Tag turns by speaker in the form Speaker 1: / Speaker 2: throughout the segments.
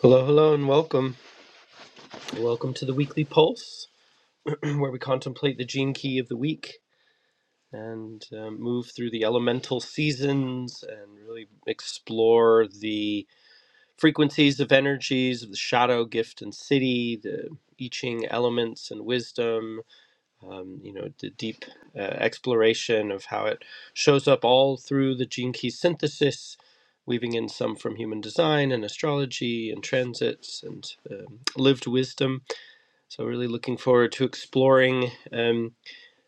Speaker 1: Hello, hello, and welcome. Welcome to the weekly pulse, where we contemplate the gene key of the week and um, move through the elemental seasons and really explore the frequencies of energies of the shadow, gift, and city, the I Ching elements and wisdom, um, you know, the deep uh, exploration of how it shows up all through the gene key synthesis. Weaving in some from human design and astrology and transits and um, lived wisdom So, really looking forward to exploring um,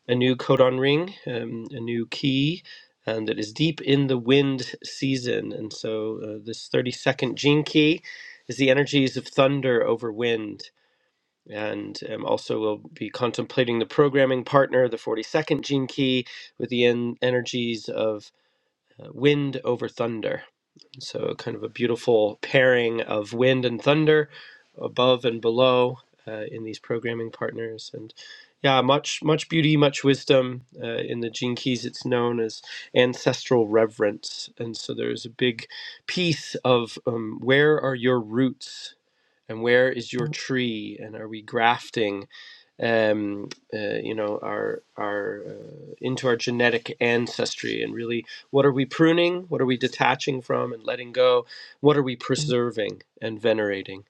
Speaker 1: a new codon ring, um, a new key, and that is deep in the wind season. And so, uh, this 32nd gene key is the energies of thunder over wind. And um, also, we'll be contemplating the programming partner, the 42nd gene key, with the en- energies of uh, wind over thunder. So, kind of a beautiful pairing of wind and thunder above and below uh, in these programming partners. And yeah, much, much beauty, much wisdom. Uh, in the Gene Keys, it's known as ancestral reverence. And so, there's a big piece of um, where are your roots and where is your tree? And are we grafting? um, uh, you know, our our uh, into our genetic ancestry, and really, what are we pruning? What are we detaching from and letting go? What are we preserving and venerating?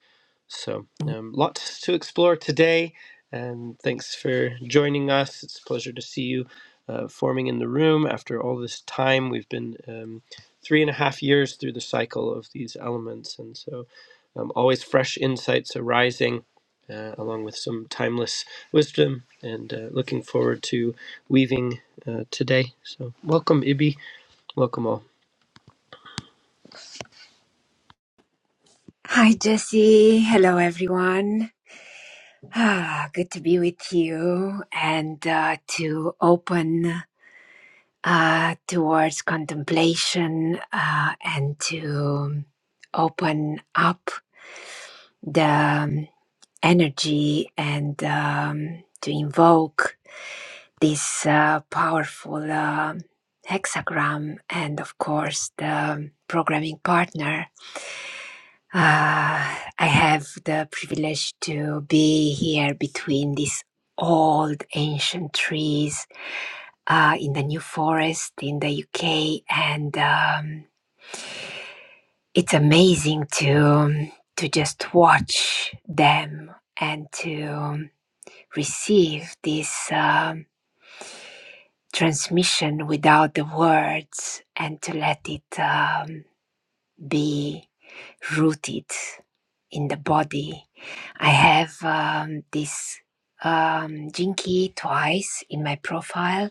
Speaker 1: So, um, lots to explore today. Um, thanks for joining us. It's a pleasure to see you uh, forming in the room after all this time. We've been um, three and a half years through the cycle of these elements, and so um, always fresh insights arising. Uh, along with some timeless wisdom, and uh, looking forward to weaving uh, today. So, welcome, Ibi. Welcome all.
Speaker 2: Hi, Jesse. Hello, everyone. Ah, good to be with you and uh, to open uh, towards contemplation uh, and to open up the um, energy and um, to invoke this uh, powerful uh, hexagram and, of course, the programming partner Ah, I have the privilege to be here between these old ancient trees uh, in the New Forest in the UK, and um, it's amazing to um, to just watch them and to um, receive this um, transmission without the words and to let it. Um, be rooted in the body. I have um, this um, Jinky twice in my profile.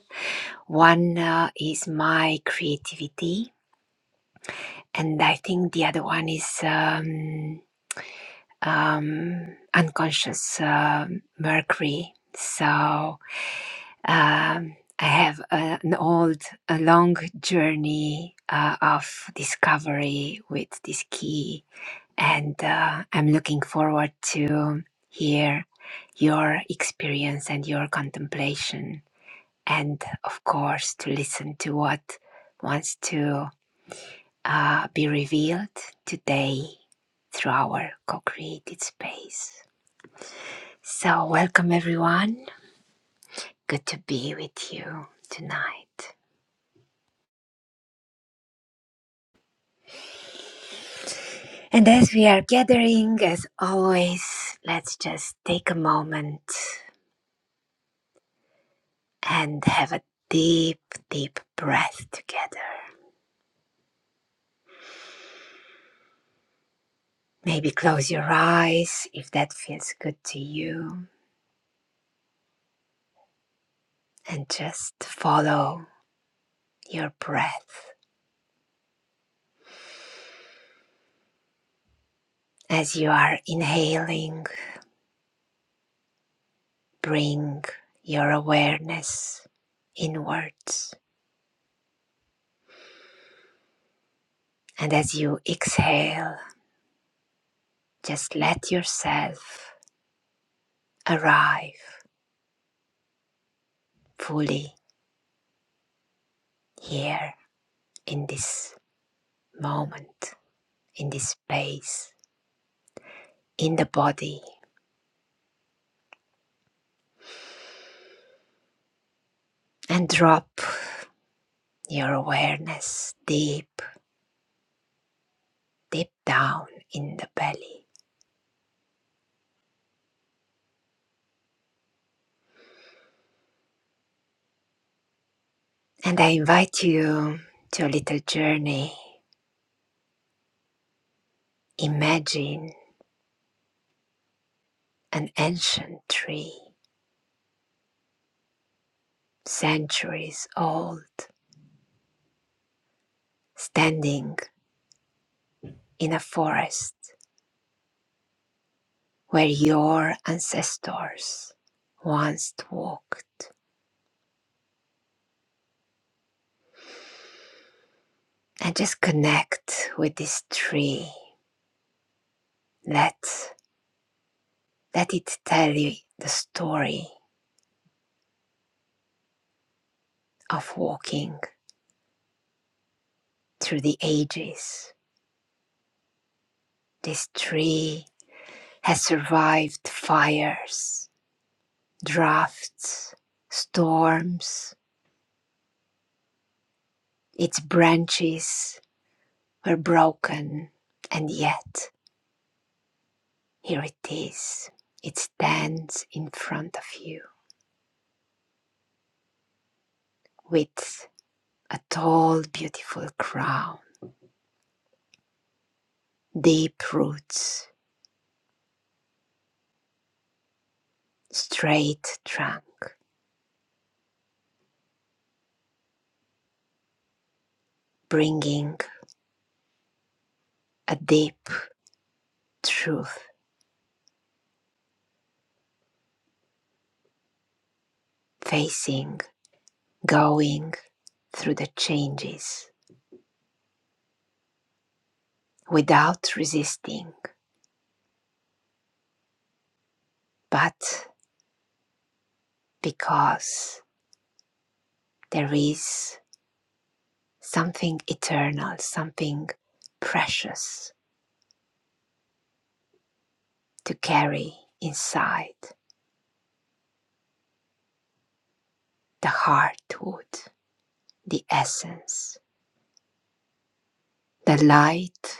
Speaker 2: One uh, is my creativity, and I think the other one is um, um, unconscious um Mercury. So um, I have a, an old, a long journey uh, of discovery with this key and uh, I'm looking forward to hear your experience and your contemplation, and of course to listen to what wants to uh, be revealed today through our co-created space. So welcome everyone. Good to be with you tonight. And as we are gathering, as always, let's just take a moment and have a deep, deep breath together. Maybe close your eyes if that feels good to you and just follow your breath. As you are inhaling, bring your awareness inwards. And as you exhale, just let yourself arrive fully here in this moment, in this space, in the body, and drop your awareness deep, deep down in the belly. And I invite you to a little journey. Imagine an ancient tree, centuries old, standing in a forest where your ancestors once walked. And just connect with this tree. Let, let it tell you the story of walking through the ages This tree has survived fires, drafts, storms. Its branches were broken, and yet here it is. It stands in front of you with a tall, beautiful crown, deep roots, straight trunk, bringing a deep truth, facing, going through the changes without resisting but because there is something eternal, something precious to carry inside the heartwood, the essence, the light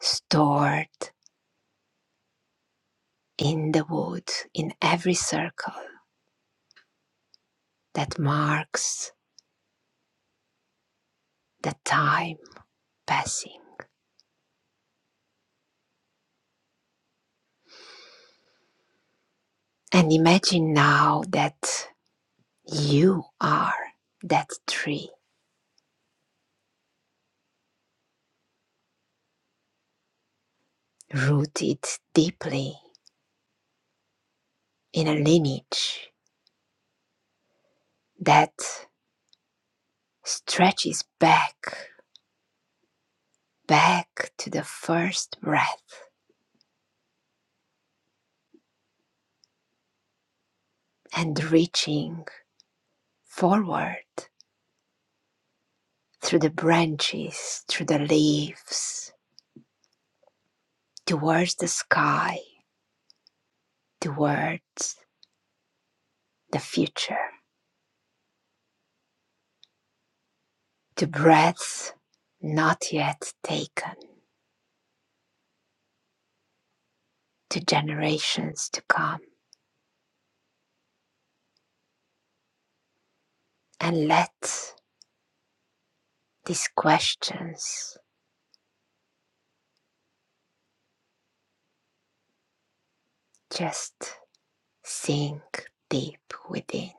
Speaker 2: stored in the wood in every circle that marks the time passing. And imagine now that you are that tree rooted deeply in a lineage that stretches back, back to the first breath and reaching forward through the branches, through the leaves, towards the sky, towards the future, to breaths not yet taken, to generations to come. And let these questions just sink deep within.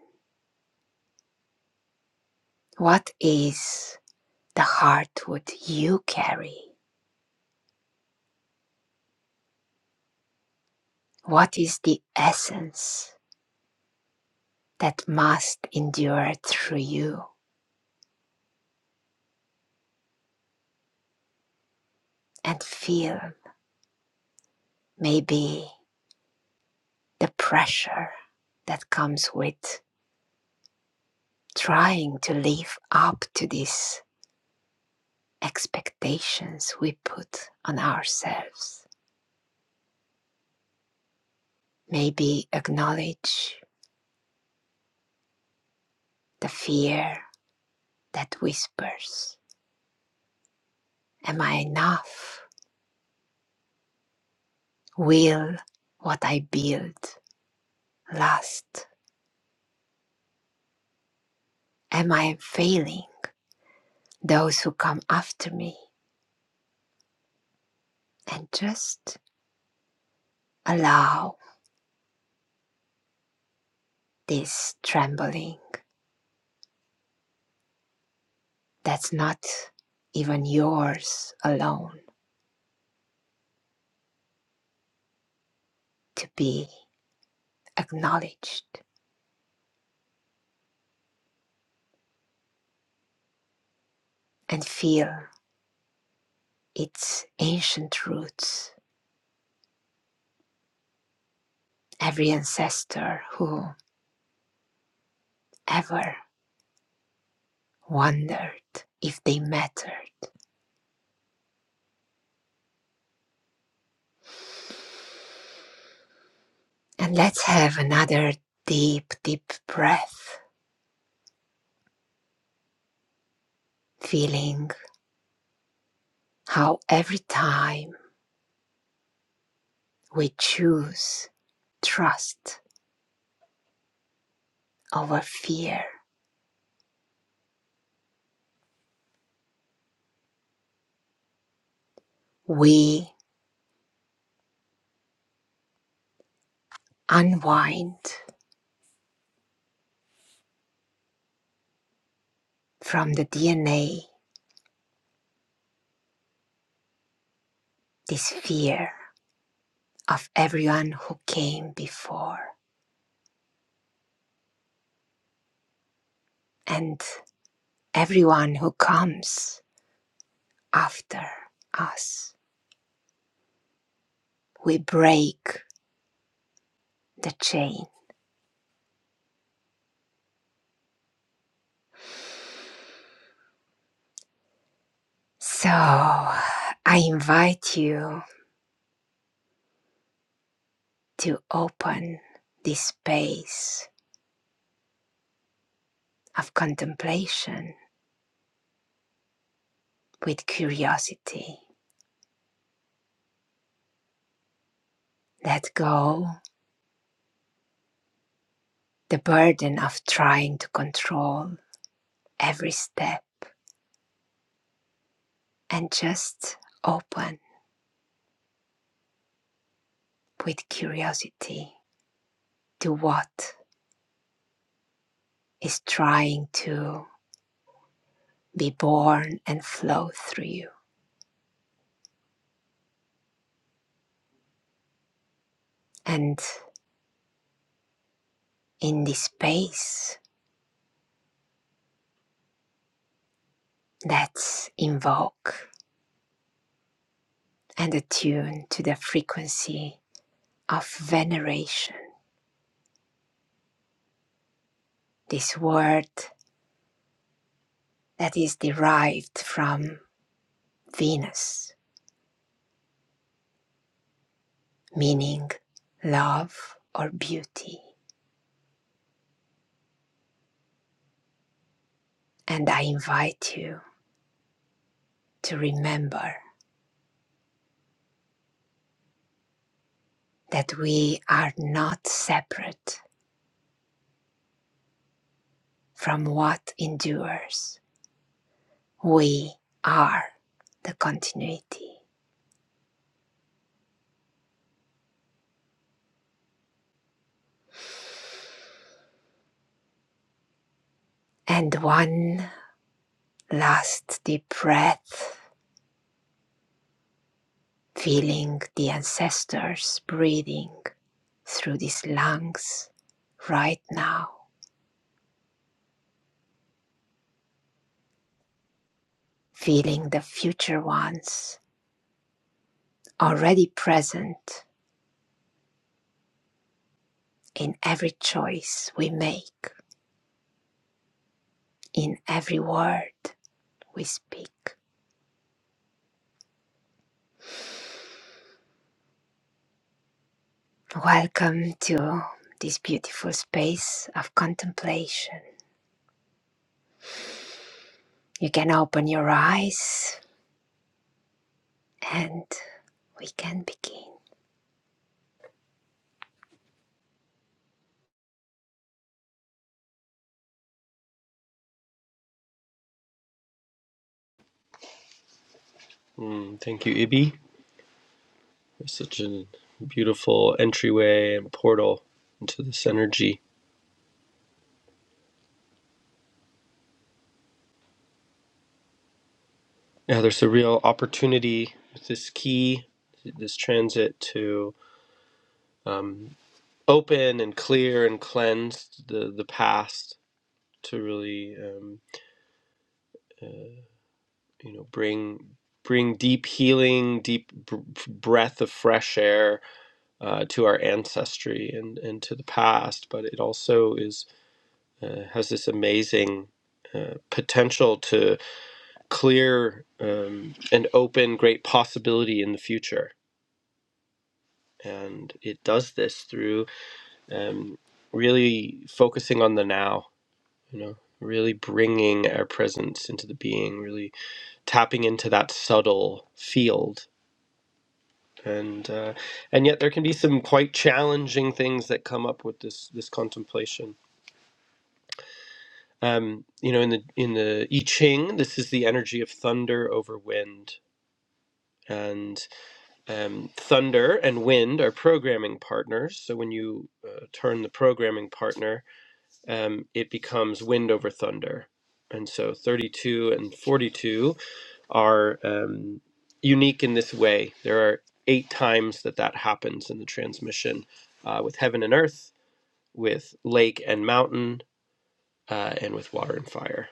Speaker 2: What is the heart would you carry? What is the essence that must endure through you and feel maybe the pressure that comes with trying to live up to these expectations we put on ourselves? Maybe acknowledge the fear that whispers, Am I enough? Will what I build last? Am I failing those who come after me? And just allow this trembling that's not even yours alone to be acknowledged and feel its ancient roots. Every ancestor who ever wondered if they mattered. And let's have another deep, deep breath, feeling how every time we choose trust over fear. We unwind from the DNA this fear of everyone who came before and everyone who comes after us. We break the chain. So I invite you to open this space of contemplation with curiosity. Let go the burden of trying to control every step and just open with curiosity to what is trying to be born and flow through you. And in this space, let's invoke and attune to the frequency of veneration, this word that is derived from Venus, meaning love or beauty And I invite you to remember that we are not separate from what endures. We are the continuity. And one last deep breath, feeling the ancestors breathing through these lungs right now, feeling the future ones already present in every choice we make, in every word we speak. Welcome to this beautiful space of contemplation. You can open your eyes and we can begin.
Speaker 1: Mm, thank you, Ibi. There's such a beautiful entryway and portal into this energy. Yeah, there's a real opportunity with this key, this transit to um, open and clear and cleanse the the past to really um, you know bring bring deep healing, deep br- breath of fresh air uh, to our ancestry and and to the past. But it also is uh, has this amazing uh, potential to clear um, and open great possibility in the future. And it does this through um, really focusing on the now, you know, really bringing our presence into the being, really tapping into that subtle field. And uh, and yet there can be some quite challenging things that come up with this this contemplation. Um, you know, in the in the I Ching, this is the energy of thunder over wind, and. Um, Thunder and Wind are programming partners. So when you uh, turn the programming partner, um, it becomes Wind over Thunder. And so 32 and 42 are um, unique in this way. There are eight times that that happens in the transmission uh, with Heaven and Earth, with Lake and Mountain, uh, and with Water and Fire.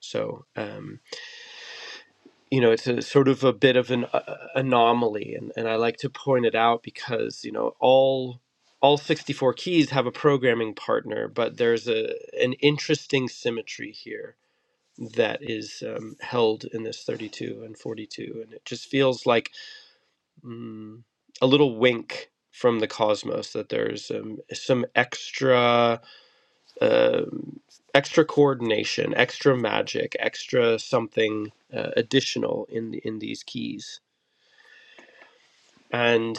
Speaker 1: So. Um, you know, it's a sort of a bit of an uh, anomaly, and, and I like to point it out because you know all all 64 keys have a programming partner, but there's a an interesting symmetry here that is um, held in this 32 and 42, and it just feels like mm, a little wink from the cosmos that there's um, some extra uh, extra coordination, extra magic, extra something uh, additional in in these keys. And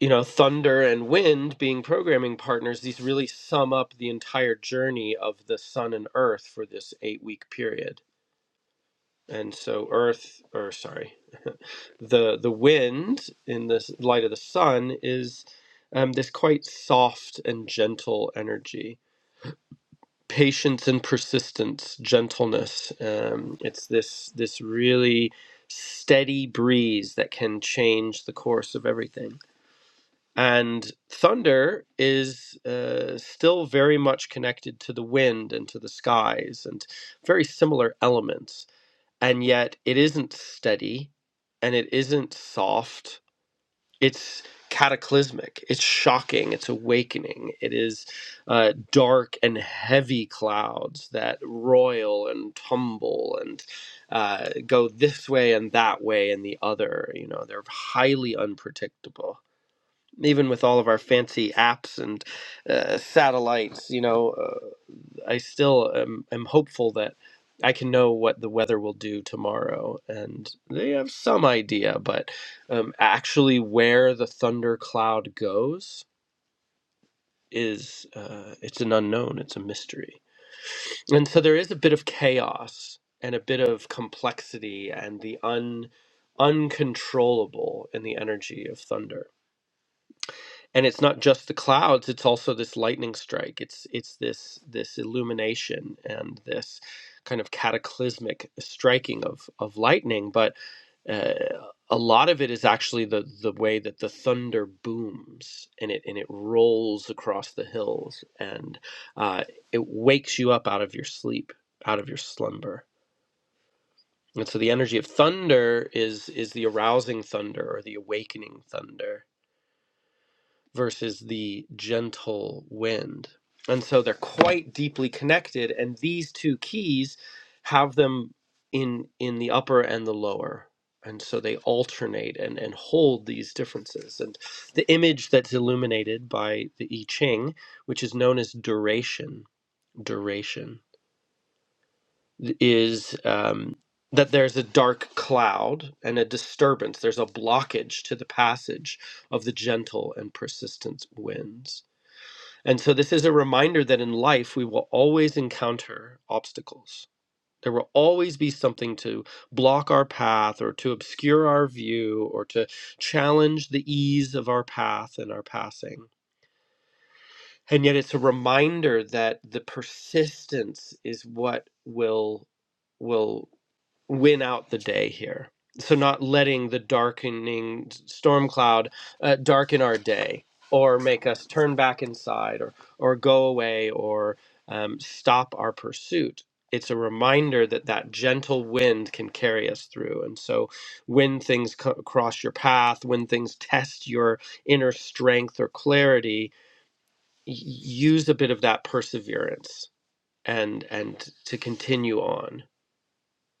Speaker 1: you know, thunder and wind being programming partners, these really sum up the entire journey of the sun and earth for this 8-week period. And so earth or sorry, the the wind in the light of the sun is um, this quite soft and gentle energy patience and persistence, gentleness. Um, it's this this really steady breeze that can change the course of everything. And thunder is uh, still very much connected to the wind and to the skies and very similar elements. And yet it isn't steady and it isn't soft it's cataclysmic it's shocking it's awakening it is uh, dark and heavy clouds that roil and tumble and uh, go this way and that way and the other you know they're highly unpredictable even with all of our fancy apps and uh, satellites you know uh, I still am, am hopeful that I can know what the weather will do tomorrow, and they have some idea, but um, actually where the thunder cloud goes is uh, it's an unknown, it's a mystery, and so there is a bit of chaos and a bit of complexity and the un uncontrollable in the energy of thunder and it's not just the clouds it's also this lightning strike it's it's this this illumination and this kind of cataclysmic striking of of lightning but uh, a lot of it is actually the the way that the thunder booms and it and it rolls across the hills and uh, it wakes you up out of your sleep out of your slumber and so the energy of thunder is is the arousing thunder or the awakening thunder versus the gentle wind. And so they're quite deeply connected and these two keys have them in in the upper and the lower. And so they alternate and, and hold these differences. And the image that's illuminated by the I Ching, which is known as duration, duration, is um, that there's a dark cloud and a disturbance. There's a blockage to the passage of the gentle and persistent winds and so this is a reminder that in life we will always encounter obstacles. There will always be something to block our path or to obscure our view or to challenge the ease of our path and our passing. And yet it's a reminder that the persistence is what will will win out the day here. So not letting the darkening storm cloud uh, darken our day or make us turn back inside or or go away or um, stop our pursuit. It's a reminder that that gentle wind can carry us through. And so when things co- cross your path, when things test your inner strength or clarity, y- use a bit of that perseverance and and to continue on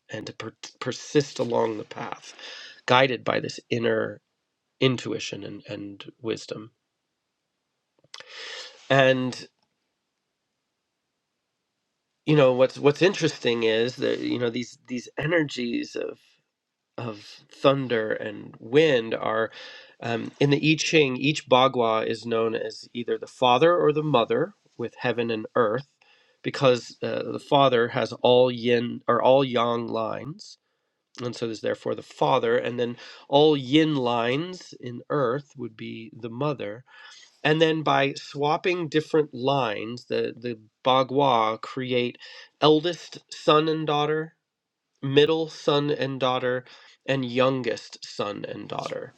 Speaker 1: and to per- persist along the path, guided by this inner intuition and, and wisdom. And you know what's what's interesting is that you know these these energies of of thunder and wind are um, in the I Ching. Each Bagua is known as either the father or the mother with heaven and earth, because uh, the father has all yin or all yang lines And so there's therefore the father, and then all yin lines in earth would be the mother. And then by swapping different lines, the, the Bagua create eldest son and daughter, middle son and daughter, and youngest son and daughter.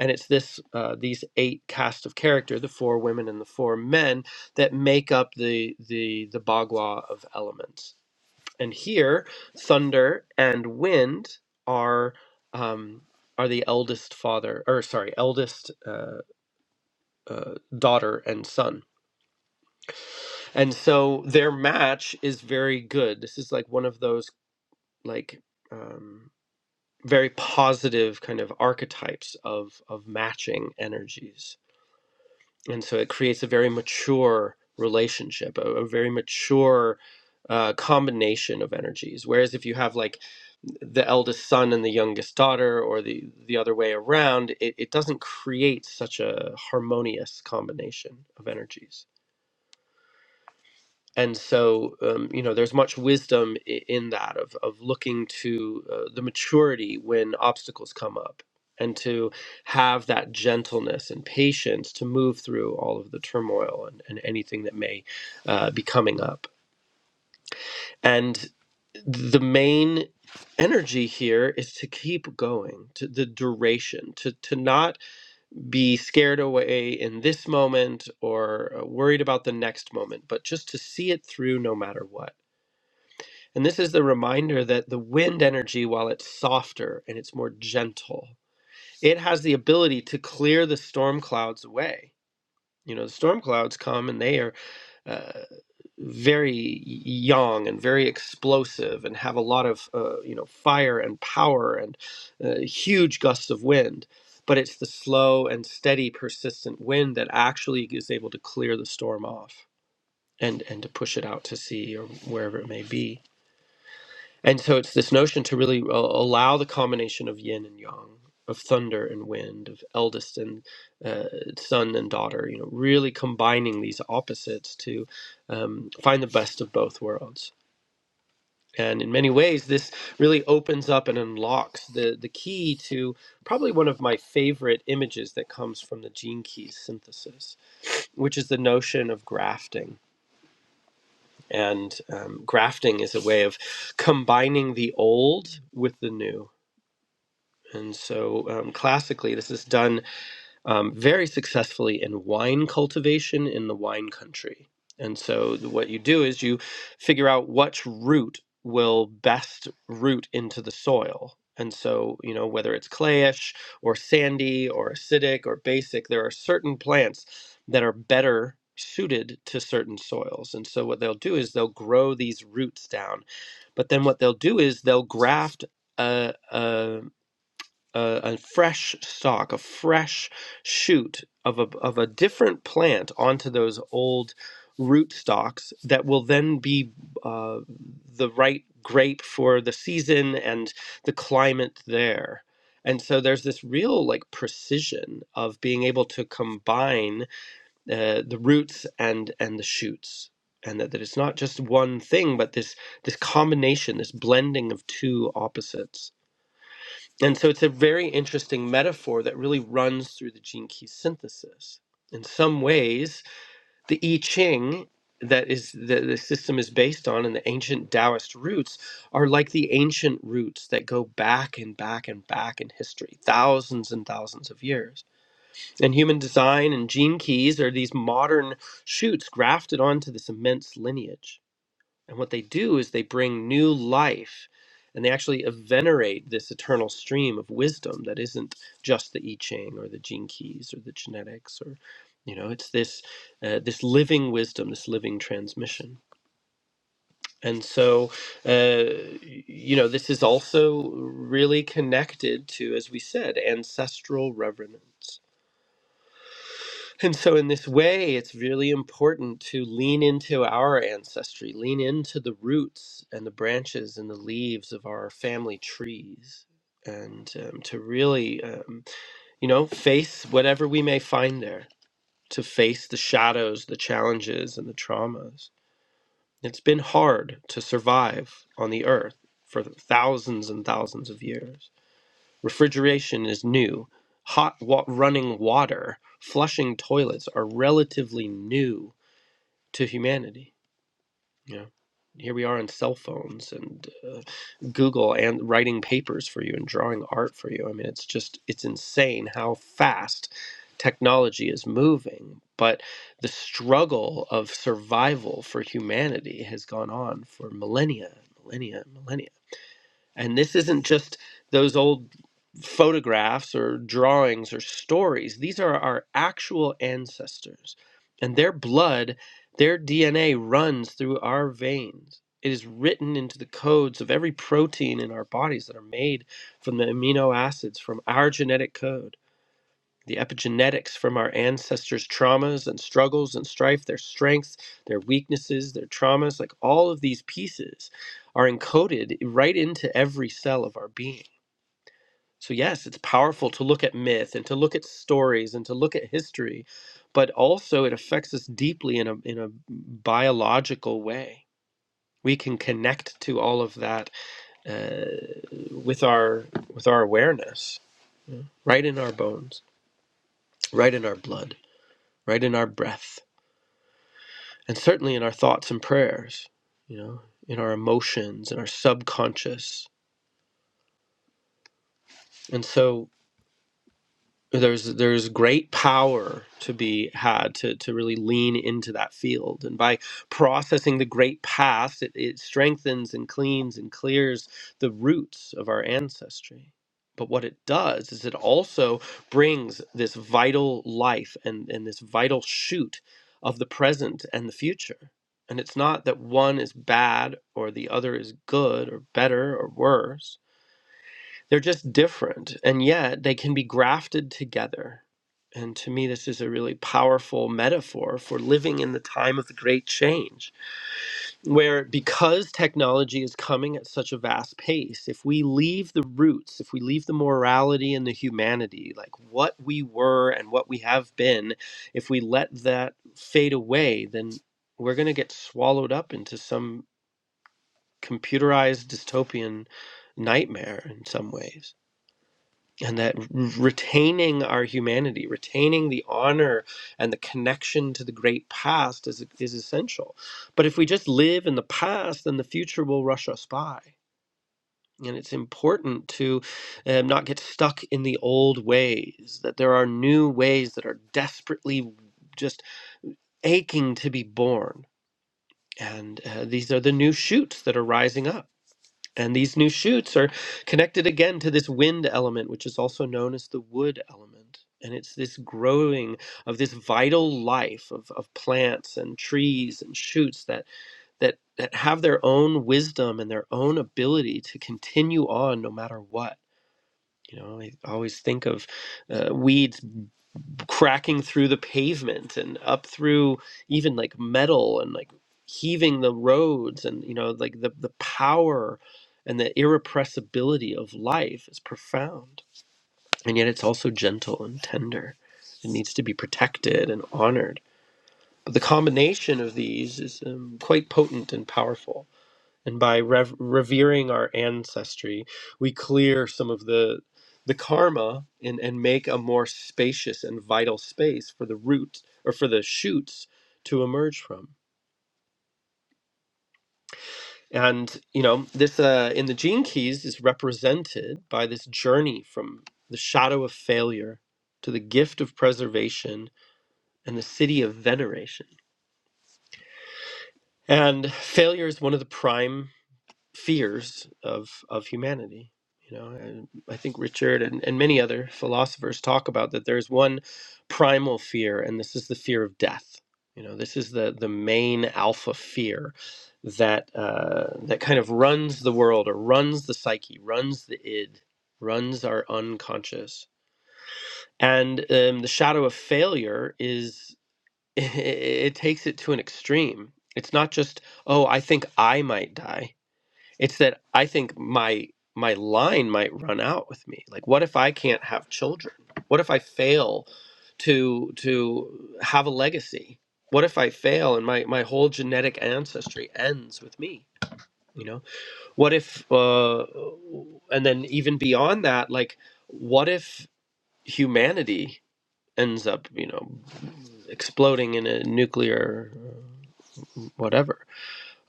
Speaker 1: And it's this uh, these eight cast of character, the four women and the four men, that make up the the the Bagua of elements and here thunder and wind are um, are the eldest father or sorry eldest uh, uh, daughter and son and so their match is very good this is like one of those like um, very positive kind of archetypes of of matching energies and so it creates a very mature relationship a, a very mature uh, combination of energies whereas if you have like the eldest son and the youngest daughter or the the other way around it, it doesn't create such a harmonious combination of energies and so um, you know there's much wisdom i- in that of, of looking to uh, the maturity when obstacles come up and to have that gentleness and patience to move through all of the turmoil and, and anything that may uh, be coming up and the main energy here is to keep going to the duration to to not be scared away in this moment or uh, worried about the next moment but just to see it through no matter what And this is the reminder that the wind energy, while it's softer and it's more gentle, it has the ability to clear the storm clouds away. You know, the storm clouds come and they are uh, very young and very explosive and have a lot of, uh, you know, fire and power and uh, huge gusts of wind. But it's the slow and steady, persistent wind that actually is able to clear the storm off and, and to push it out to sea or wherever it may be. And so it's this notion to really uh, allow the combination of yin and yang, of thunder and wind, of eldest and uh, son and daughter, you know, really combining these opposites to um, find the best of both worlds. And in many ways, this really opens up and unlocks the, the key to probably one of my favorite images that comes from the gene keys synthesis, which is the notion of grafting. And um, grafting is a way of combining the old with the new And so, um, classically, this is done um, very successfully in wine cultivation in the wine country. And so, th- what you do is you figure out which root will best root into the soil. And so, you know, whether it's clayish or sandy or acidic or basic, there are certain plants that are better suited to certain soils. And so, what they'll do is they'll grow these roots down. But then, what they'll do is they'll graft. A, a a, a fresh stalk, a fresh shoot of a, of a different plant onto those old root stalks that will then be uh, the right grape for the season and the climate there. And so there's this real like precision of being able to combine uh, the roots and and the shoots, and that, that it's not just one thing, but this this combination, this blending of two opposites. And so it's a very interesting metaphor that really runs through the gene key synthesis. In some ways, the I Ching that is that the system is based on and the ancient Taoist roots are like the ancient roots that go back and back and back in history, thousands and thousands of years. And human design and gene keys are these modern shoots grafted onto this immense lineage. And what they do is they bring new life and they actually venerate this eternal stream of wisdom that isn't just the I Ching or the gene keys or the genetics or, you know, it's this uh, this living wisdom, this living transmission. And so, uh, you know, this is also really connected to, as we said, ancestral reverence. And so, in this way, it's really important to lean into our ancestry, lean into the roots and the branches and the leaves of our family trees, and um, to really, um, you know, face whatever we may find there, to face the shadows, the challenges, and the traumas. It's been hard to survive on the earth for thousands and thousands of years. Refrigeration is new. Hot wa- running water, flushing toilets are relatively new to humanity. You know, here we are on cell phones and uh, Google and writing papers for you and drawing art for you. I mean, it's just it's insane how fast technology is moving. But the struggle of survival for humanity has gone on for millennia, millennia, millennia. And this isn't just those old photographs or drawings or stories. These are our actual ancestors. And their blood, their DNA runs through our veins. It is written into the codes of every protein in our bodies that are made from the amino acids from our genetic code the epigenetics from our ancestors' traumas and struggles and strife, their strengths, their weaknesses, their traumas, like all of these pieces are encoded right into every cell of our being. So, yes, it's powerful to look at myth and to look at stories and to look at history, but also it affects us deeply in a, in a biological way. We can connect to all of that uh, with our with our awareness, right in our bones, right in our blood, right in our breath and certainly in our thoughts and prayers, you know, in our emotions, in our subconscious. And so there's there's great power to be had to to really lean into that field and by processing the great past it, it strengthens and cleans and clears the roots of our ancestry but what it does is it also brings this vital life and and this vital shoot of the present and the future and it's not that one is bad or the other is good or better or worse they're just different, and yet they can be grafted together. And to me, this is a really powerful metaphor for living in the time of the great change, where because technology is coming at such a vast pace, if we leave the roots, if we leave the morality and the humanity, like what we were and what we have been, if we let that fade away, then we're going to get swallowed up into some computerized dystopian nightmare in some ways and that retaining our humanity, retaining the honor and the connection to the great past is, is essential. But if we just live in the past, then the future will rush us by. And it's important to um, not get stuck in the old ways, that there are new ways that are desperately just aching to be born. And uh, these are the new shoots that are rising up and these new shoots are connected again to this wind element, which is also known as the wood element. And it's this growing of this vital life of, of plants and trees and shoots that, that, that have their own wisdom and their own ability to continue on no matter what. You know, I always think of uh, weeds cracking through the pavement and up through even like metal and like heaving the roads and you know like the the power and the irrepressibility of life is profound and yet it's also gentle and tender it needs to be protected and honored but the combination of these is um, quite potent and powerful and by rev- revering our ancestry we clear some of the the karma and and make a more spacious and vital space for the root or for the shoots to emerge from and you know this uh, in the gene keys is represented by this journey from the shadow of failure to the gift of preservation and the city of veneration and failure is one of the prime fears of of humanity you know and i think richard and, and many other philosophers talk about that there's one primal fear and this is the fear of death you know this is the the main alpha fear that uh, that kind of runs the world or runs the psyche runs the id runs our unconscious and um, the shadow of failure is it it takes it to an extreme it's not just oh i think i might die it's that I think my my line might run out with me. Like what if I can't have children? What if I fail to to have a legacy? What if I fail and my my whole genetic ancestry ends with me? You know? What if uh and then even beyond that like what if humanity ends up, you know, exploding in a nuclear uh, whatever?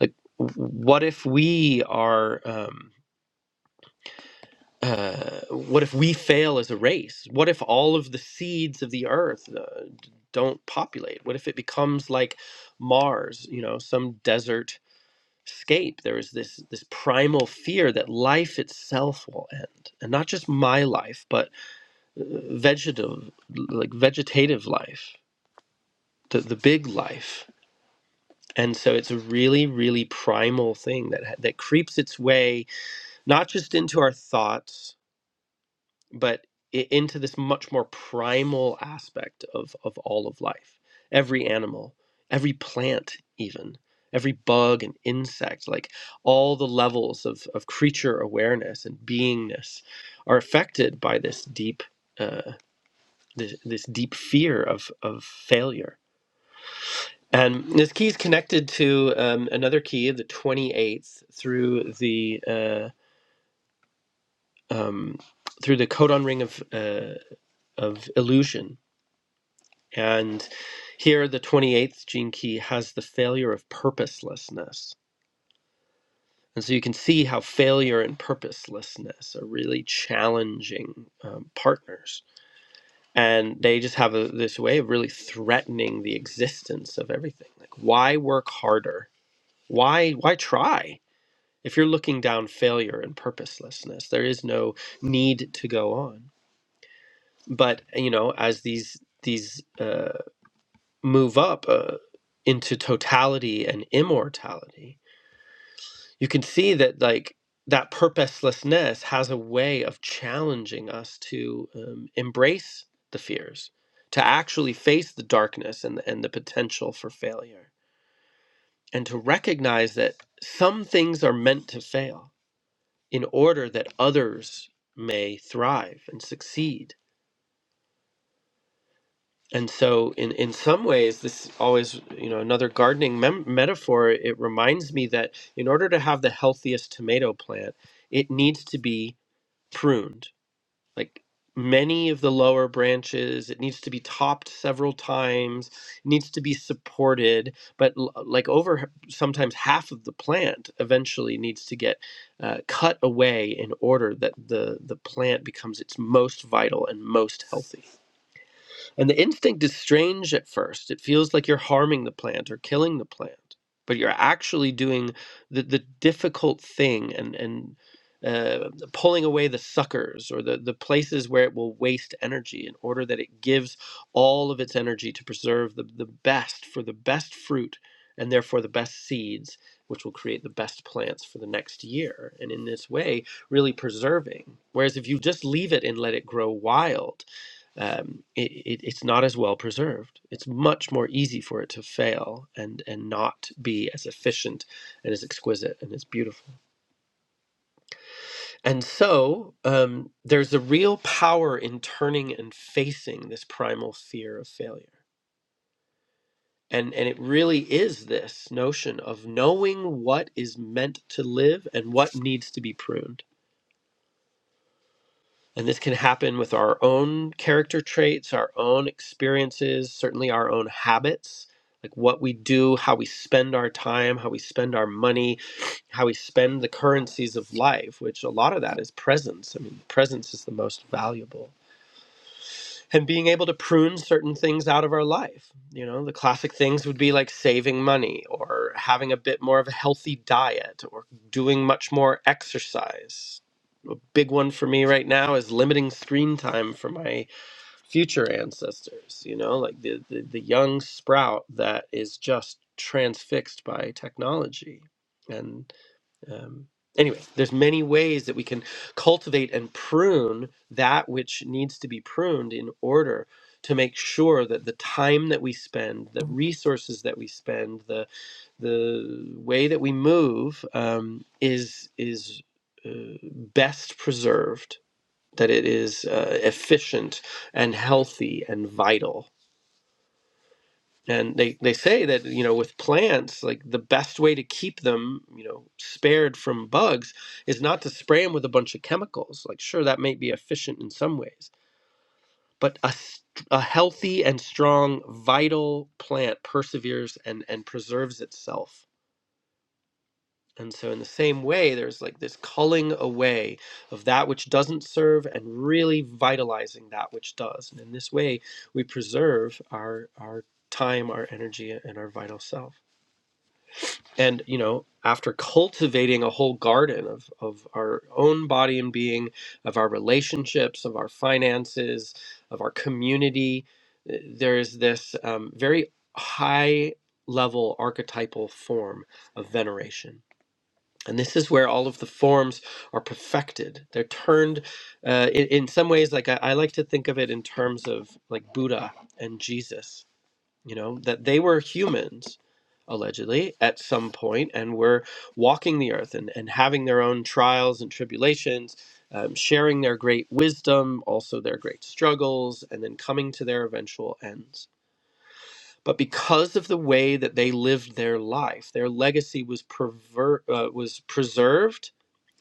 Speaker 1: Like w- what if we are um uh, what if we fail as a race? What if all of the seeds of the earth uh, d- don't populate? What if it becomes like Mars, you know, some desert scape? There is this this primal fear that life itself will end, and not just my life, but uh, vegetative, like vegetative life, the the big life. And so it's a really, really primal thing that ha- that creeps its way not just into our thoughts but i- into this much more primal aspect of of all of life every animal every plant even every bug and insect like all the levels of of creature awareness and beingness are affected by this deep uh, this, this deep fear of of failure and this key is connected to um, another key the 28th through the uh, um, through the codon ring of uh, of illusion And here, the 28th gene key has the failure of purposelessness. And so you can see how failure and purposelessness are really challenging um, partners. And they just have a, this way of really threatening the existence of everything. Like, why work harder? Why, why try? If you're looking down failure and purposelessness, there is no need to go on. But you know, as these these uh, move up uh, into totality and immortality you can see that like that purposelessness has a way of challenging us to um, embrace the fears to actually face the darkness and, and the potential for failure and to recognize that some things are meant to fail in order that others may thrive and succeed and so in in some ways this always you know another gardening mem- metaphor it reminds me that in order to have the healthiest tomato plant it needs to be pruned like many of the lower branches it needs to be topped several times it needs to be supported but l- like over h- sometimes half of the plant eventually needs to get uh, cut away in order that the the plant becomes its most vital and most healthy and the instinct is strange at first. It feels like you're harming the plant or killing the plant, but you're actually doing the, the difficult thing and, and uh, pulling away the suckers or the, the places where it will waste energy in order that it gives all of its energy to preserve the, the best for the best fruit and therefore the best seeds, which will create the best plants for the next year. And in this way, really preserving. Whereas if you just leave it and let it grow wild, um, it, it, it's not as well preserved. It's much more easy for it to fail and and not be as efficient and as exquisite and as beautiful. And so um, there's a real power in turning and facing this primal fear of failure. And, and it really is this notion of knowing what is meant to live and what needs to be pruned And this can happen with our own character traits, our own experiences, certainly our own habits, like what we do, how we spend our time, how we spend our money, how we spend the currencies of life, which a lot of that is presence. I mean, presence is the most valuable. And being able to prune certain things out of our life. You know, the classic things would be like saving money or having a bit more of a healthy diet or doing much more exercise big one for me right now is limiting screen time for my future ancestors you know like the the, the young sprout that is just transfixed by technology and um Anyway, there's many ways that we can cultivate and prune that which needs to be pruned in order to make sure that the time that we spend, the resources that we spend, the the way that we move um, is is uh, best preserved that it is uh, efficient and healthy and vital. And they, they say that, you know, with plants, like the best way to keep them, you know, spared from bugs is not to spray them with a bunch of chemicals. Like, sure, that may be efficient in some ways, but a, st- a healthy and strong, vital plant perseveres and, and preserves itself And so, in the same way, there's like this culling away of that which doesn't serve and really vitalizing that which does. And in this way, we preserve our, our time, our energy, and our vital self. And, you know, after cultivating a whole garden of, of our own body and being, of our relationships, of our finances, of our community, eh, there's this um, very high level archetypal form of veneration and this is where all of the forms are perfected. They're turned uh, in, in some ways, like I, I like to think of it in terms of like Buddha and Jesus, you know, that they were humans allegedly at some point and were walking the earth and, and having their own trials and tribulations, um, sharing their great wisdom, also their great struggles, and then coming to their eventual ends but because of the way that they lived their life, their legacy was perver- uh, was preserved.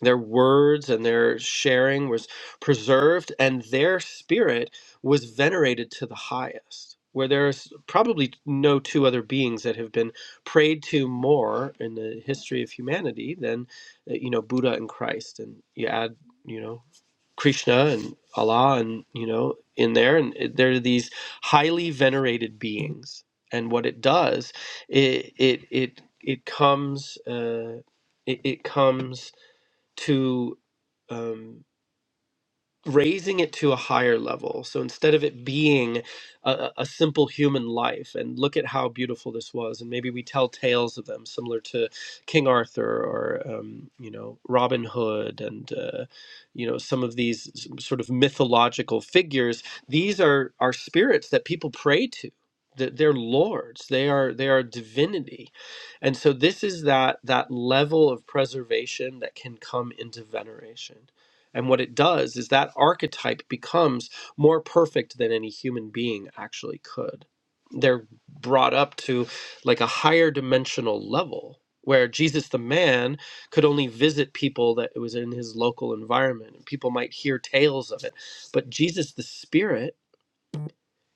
Speaker 1: Their words and their sharing was preserved, and their spirit was venerated to the highest. Where there's probably no two other beings that have been prayed to more in the history of humanity than, uh, you know, Buddha and Christ. And you add, you know, Krishna and Allah, and you know, in there, and it- there are these highly venerated beings and what it does it it it it comes uh, it, it comes to um, raising it to a higher level. So instead of it being a, a a simple human life, and look at how beautiful this was, and maybe we tell tales of them, similar to King Arthur or um, you know Robin Hood, and uh, you know some of these s- sort of mythological figures. These are are spirits that people pray to. that They're lords. They are they are divinity, and so this is that that level of preservation that can come into veneration and what it does is that archetype becomes more perfect than any human being actually could. They're brought up to like a higher dimensional level where Jesus the man could only visit people that was in his local environment and people might hear tales of it. But Jesus the spirit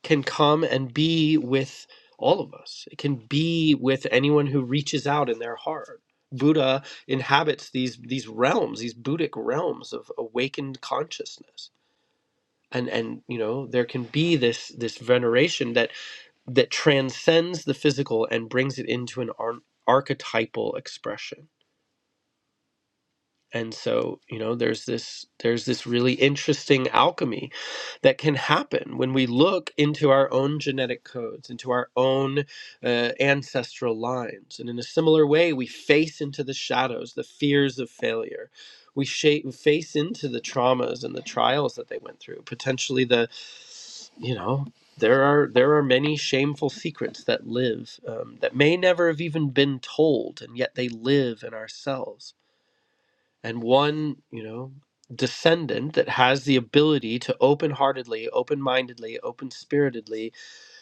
Speaker 1: can come and be with all of us. It can be with anyone who reaches out in their heart. Buddha inhabits these these realms, these Buddhic realms of awakened consciousness. And and you know, there can be this this veneration that that transcends the physical and brings it into an ar- archetypal expression and so you know there's this there's this really interesting alchemy that can happen when we look into our own genetic codes into our own uh, ancestral lines and in a similar way we face into the shadows the fears of failure we shape, face into the traumas and the trials that they went through potentially the you know there are there are many shameful secrets that live um, that may never have even been told and yet they live in ourselves and one, you know, descendant that has the ability to open heartedly, open mindedly, open spiritedly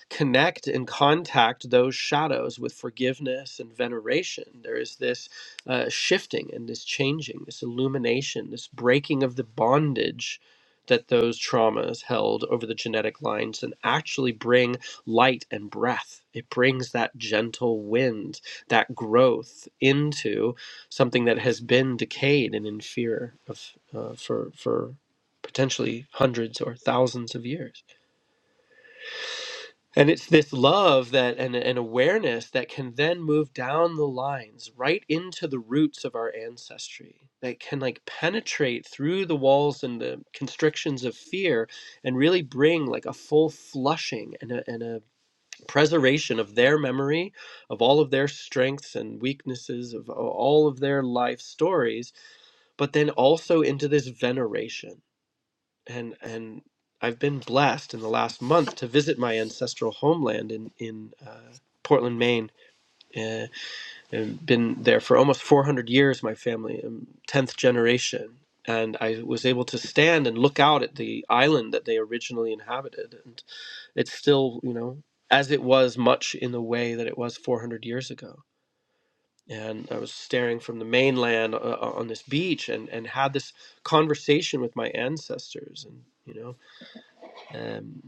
Speaker 1: connect and contact those shadows with forgiveness and veneration. There is this uh, shifting and this changing, this illumination, this breaking of the bondage that those traumas held over the genetic lines and actually bring light and breath. It brings that gentle wind, that growth into something that has been decayed and in fear of uh, for for potentially hundreds or thousands of years. And it's this love that and an awareness that can then move down the lines right into the roots of our ancestry that can like penetrate through the walls and the constrictions of fear and really bring like a full flushing and a, and a preservation of their memory of all of their strengths and weaknesses of all of their life stories but then also into this veneration and and I've been blessed in the last month to visit my ancestral homeland in in uh, Portland, Maine. Uh, I've been there for almost 400 years. My family, um, tenth generation, and I was able to stand and look out at the island that they originally inhabited, and it's still you know as it was much in the way that it was 400 years ago. And I was staring from the mainland uh, uh, on this beach, and and had this conversation with my ancestors, and you know. um,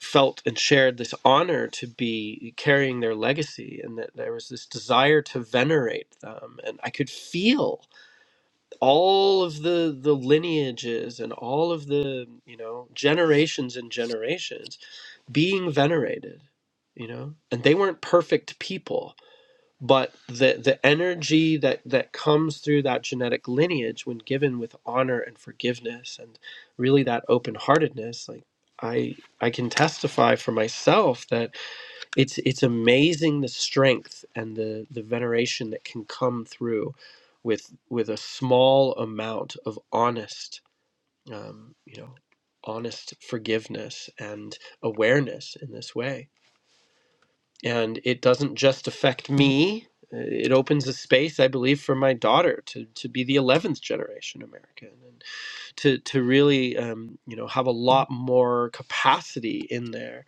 Speaker 1: felt and shared this honor to be carrying their legacy and that there was this desire to venerate them and i could feel all of the the lineages and all of the you know generations and generations being venerated you know and they weren't perfect people but the the energy that that comes through that genetic lineage when given with honor and forgiveness and really that open-heartedness like I I can testify for myself that it's it's amazing the strength and the the veneration that can come through with with a small amount of honest um, you know honest forgiveness and awareness in this way and it doesn't just affect me. Uh, It opens a space, I believe, for my daughter to, to be the eleventh generation American and to to really um, you know have a lot more capacity in there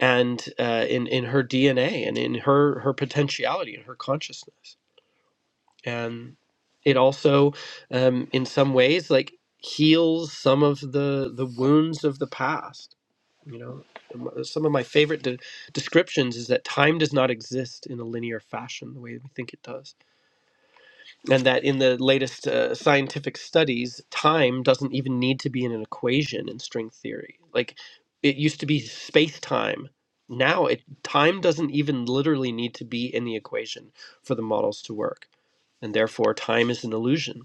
Speaker 1: and uh, in in her DNA and in her her potentiality and her consciousness and it also um, in some ways like heals some of the the wounds of the past you know M- some of my favorite de- descriptions is that time does not exist in a linear fashion the way we think it does and that in the latest uh, scientific studies time doesn't even need to be in an equation in string theory like it used to be space time now it time doesn't even literally need to be in the equation for the models to work and therefore time is an illusion.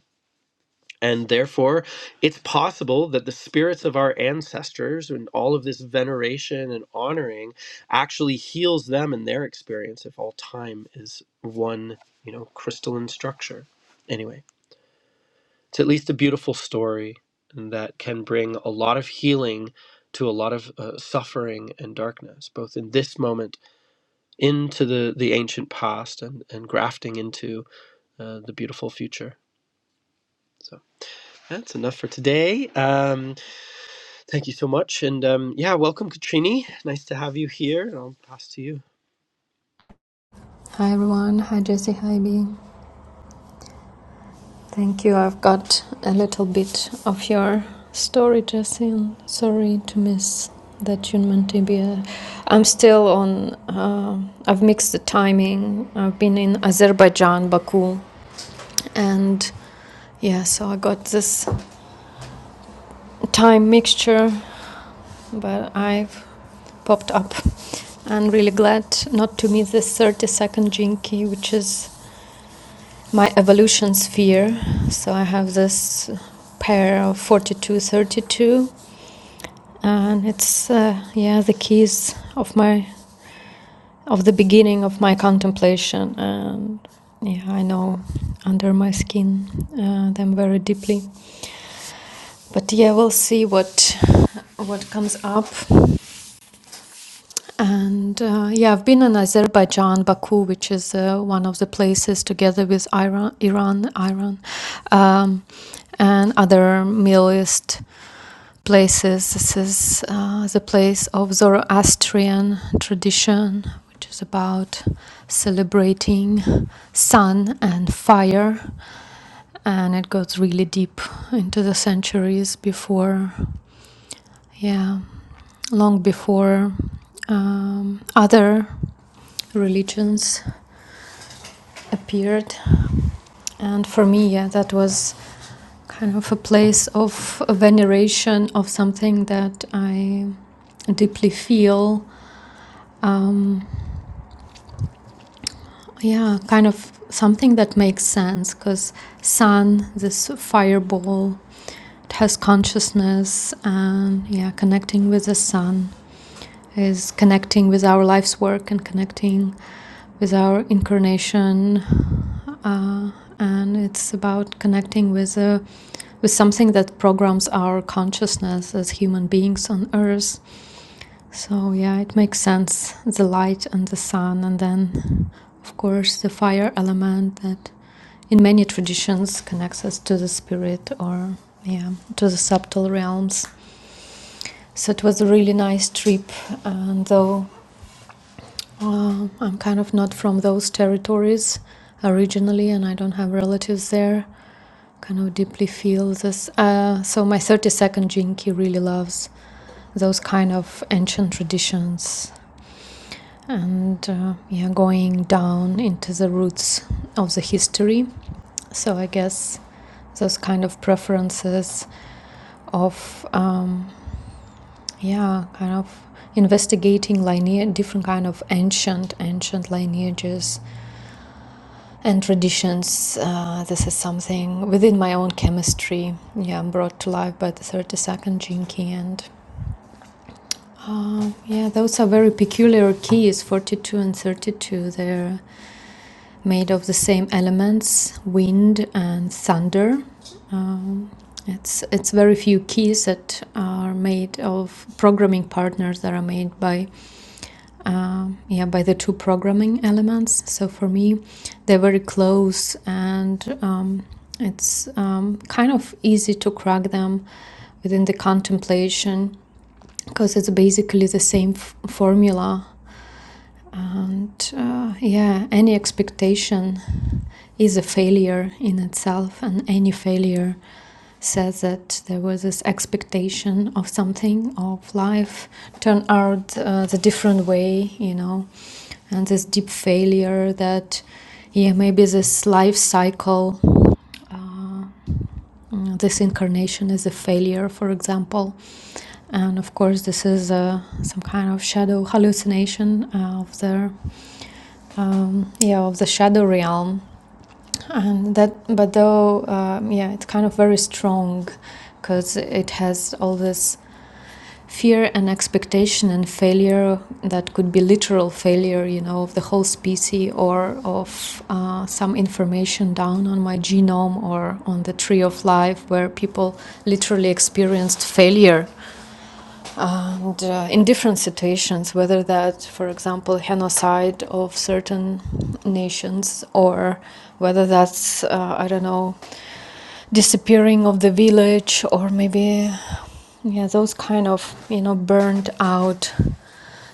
Speaker 1: And therefore, it's possible that the spirits of our ancestors and all of this veneration and honoring actually heals them in their experience if all time is one, you know, crystalline structure. Anyway, it's at least a beautiful story that can bring a lot of healing to a lot of uh, suffering and darkness, both in this moment into the, the ancient past and, and grafting into uh, the beautiful future. So. That's enough for today. Um, thank you so much. And um, yeah, welcome, Katrini. Nice to have you here. And I'll pass to you.
Speaker 3: Hi everyone, hi Jessie hi B. Thank you. I've got a little bit of your story, Jessie. and sorry to miss that Junman Tibia. I'm still on, uh, I've mixed the timing. I've been in Azerbaijan, Baku, and yeah, so I got this time mixture, but I've popped up. I'm really glad not to miss this 30 second Jinky, which is my evolution sphere. So I have this pair of 4232 and it's uh, yeah the keys of my of the beginning of my contemplation and yeah I know under my skin uh, them very deeply. But yeah, we'll see what what comes up. And uh, yeah, I've been in Azerbaijan, Baku, which is uh, one of the places together with Iran, Iran, Iran, um, and other Middle East places. This is uh, the place of Zoroastrian tradition, which is about celebrating sun and fire, and it goes really deep into the centuries before, yeah, long before um, other religions appeared. And for me, yeah, that was kind of a place of veneration of something that I deeply feel. Um, yeah, kind of something that makes sense because sun, this fireball, it has consciousness, and yeah, connecting with the sun is connecting with our life's work and connecting with our incarnation uh, and it's about connecting with uh, with something that programs our consciousness as human beings on Earth. So yeah, it makes sense. The light and the sun, and then of course the fire element that in many traditions connects us to the spirit or yeah to the subtle realms. So it was a really nice trip, and though uh, I'm kind of not from those territories originally, and I don't have relatives there. kind of deeply feel this. Uh, so my 32nd Jinki really loves those kind of ancient traditions and uh, yeah, going down into the roots of the history. So I guess those kind of preferences of um, yeah, kind of investigating lineage, different kind of ancient ancient lineages and traditions. Uh, this is something within my own chemistry. Yeah, brought to life by the 32nd gene key. And uh, yeah, those are very peculiar keys 42 and 32. They're made of the same elements wind and thunder. Um, it's, it's very few keys that are made of programming partners that are made by um, yeah by the two programming elements so for me they're very close and um, it's um, kind of easy to crack them within the contemplation because it's basically the same f- formula and uh, yeah, any expectation is a failure in itself, and any failure says that there was this expectation of something of life turned out uh, the different way, you know, and this deep failure that yeah maybe this life cycle uh, Mm, This incarnation is a failure, for example. And of course, this is uh, some kind of shadow hallucination of the um, yeah of the shadow realm. And that, but though um, yeah, it's kind of very strong because it has all this fear and expectation and failure that could be literal failure, you know, of the whole species or of uh, some information down on my genome or on the tree of life, where people literally experienced failure and uh, in different situations, whether that, for example, genocide of certain nations, or whether that's, uh, I don't know, disappearing of the village, or maybe, yeah, those kind of, you know, burned out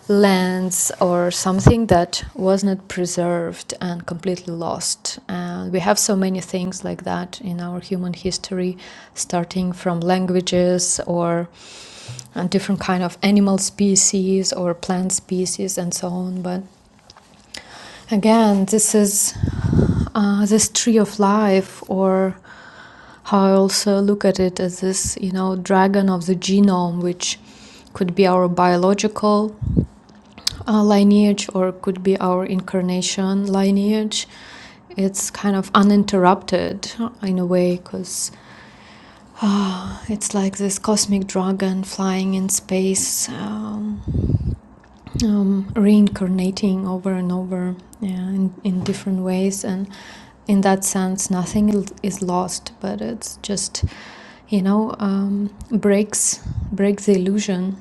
Speaker 3: lands or something that was not preserved and completely lost. And we have so many things like that in our human history, starting from languages or and different kind of animal species or plant species and so on. But again, this is uh, this tree of life or how I also look at it as this, you know, dragon of the genome, which could be our biological uh, lineage or could be our incarnation lineage. It's kind of uninterrupted uh, in a way because it's like this cosmic dragon flying in space, um, um, reincarnating over and over yeah, in, in different ways. And in that sense nothing is lost but it's just you know um, breaks breaks the illusion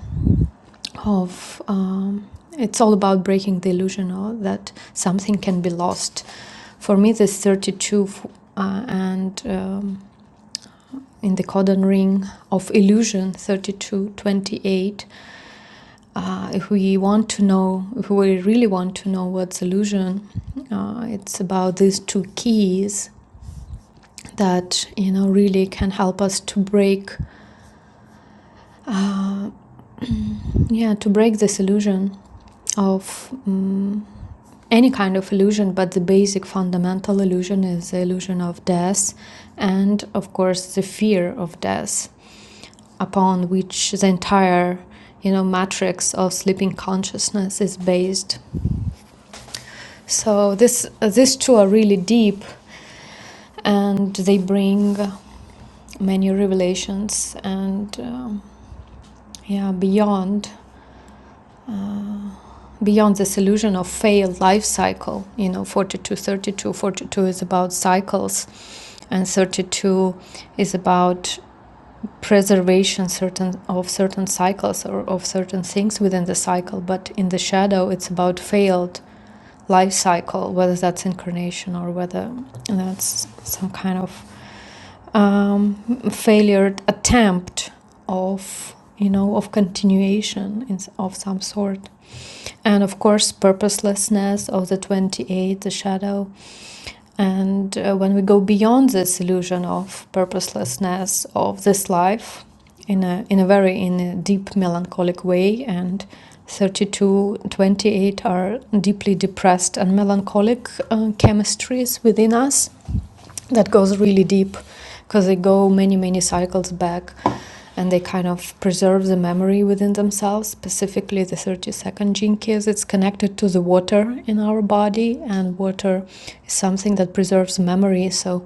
Speaker 3: of um, it's all about breaking the illusion of that something can be lost for me this 32 uh, and um, in the codon ring of illusion 3228 uh, if we want to know if we really want to know what's illusion uh, it's about these two keys that you know really can help us to break uh, yeah to break this illusion of um, any kind of illusion but the basic fundamental illusion is the illusion of death and of course the fear of death upon which the entire you know matrix of sleeping consciousness is based so this these two are really deep and they bring many revelations and um, yeah beyond beyond this illusion of failed life cycle you know 42, 32, 42 is about cycles and 32 is about preservation certain of certain cycles or of certain things within the cycle but in the shadow it's about failed life cycle whether that's incarnation or whether that's some kind of um, failure attempt of you know of continuation in, of some sort and of course purposelessness of the 28 the shadow and uh, when we go beyond this illusion of purposelessness of this life in a, in a very in a deep melancholic way and 32 28 are deeply depressed and melancholic uh, chemistries within us that goes really deep because they go many many cycles back and they kind of preserve the memory within themselves specifically the 32nd gene keys it's connected to the water in our body and water is something that preserves memory so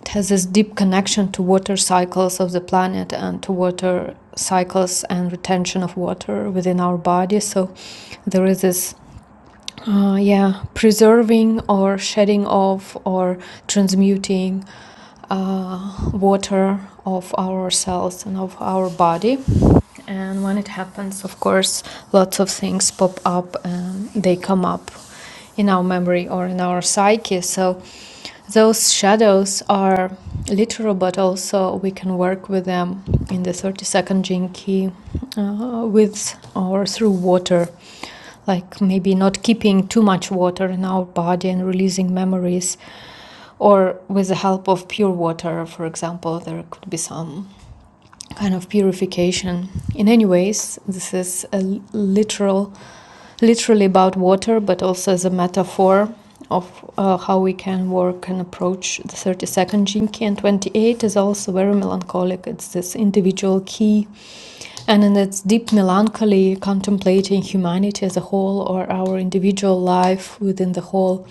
Speaker 3: it has this deep connection to water cycles of the planet and to water cycles and retention of water within our body so there is this uh, yeah, preserving or shedding off or transmuting uh, water of our cells and of our body. And when it happens, of course, lots of things pop up and they come up in our memory or in our psyche. So those shadows are literal, but also we can work with them in the 30 second Jinki uh, with or through water like maybe not keeping too much water in our body and releasing memories or with the help of pure water for example there could be some kind of purification. In any ways, this is a literal, literally about water, but also as a metaphor of uh, how we can work and approach the 32nd Jinki. And 28 is also very melancholic. It's this individual key. And in its deep melancholy, contemplating humanity as a whole or our individual life within the whole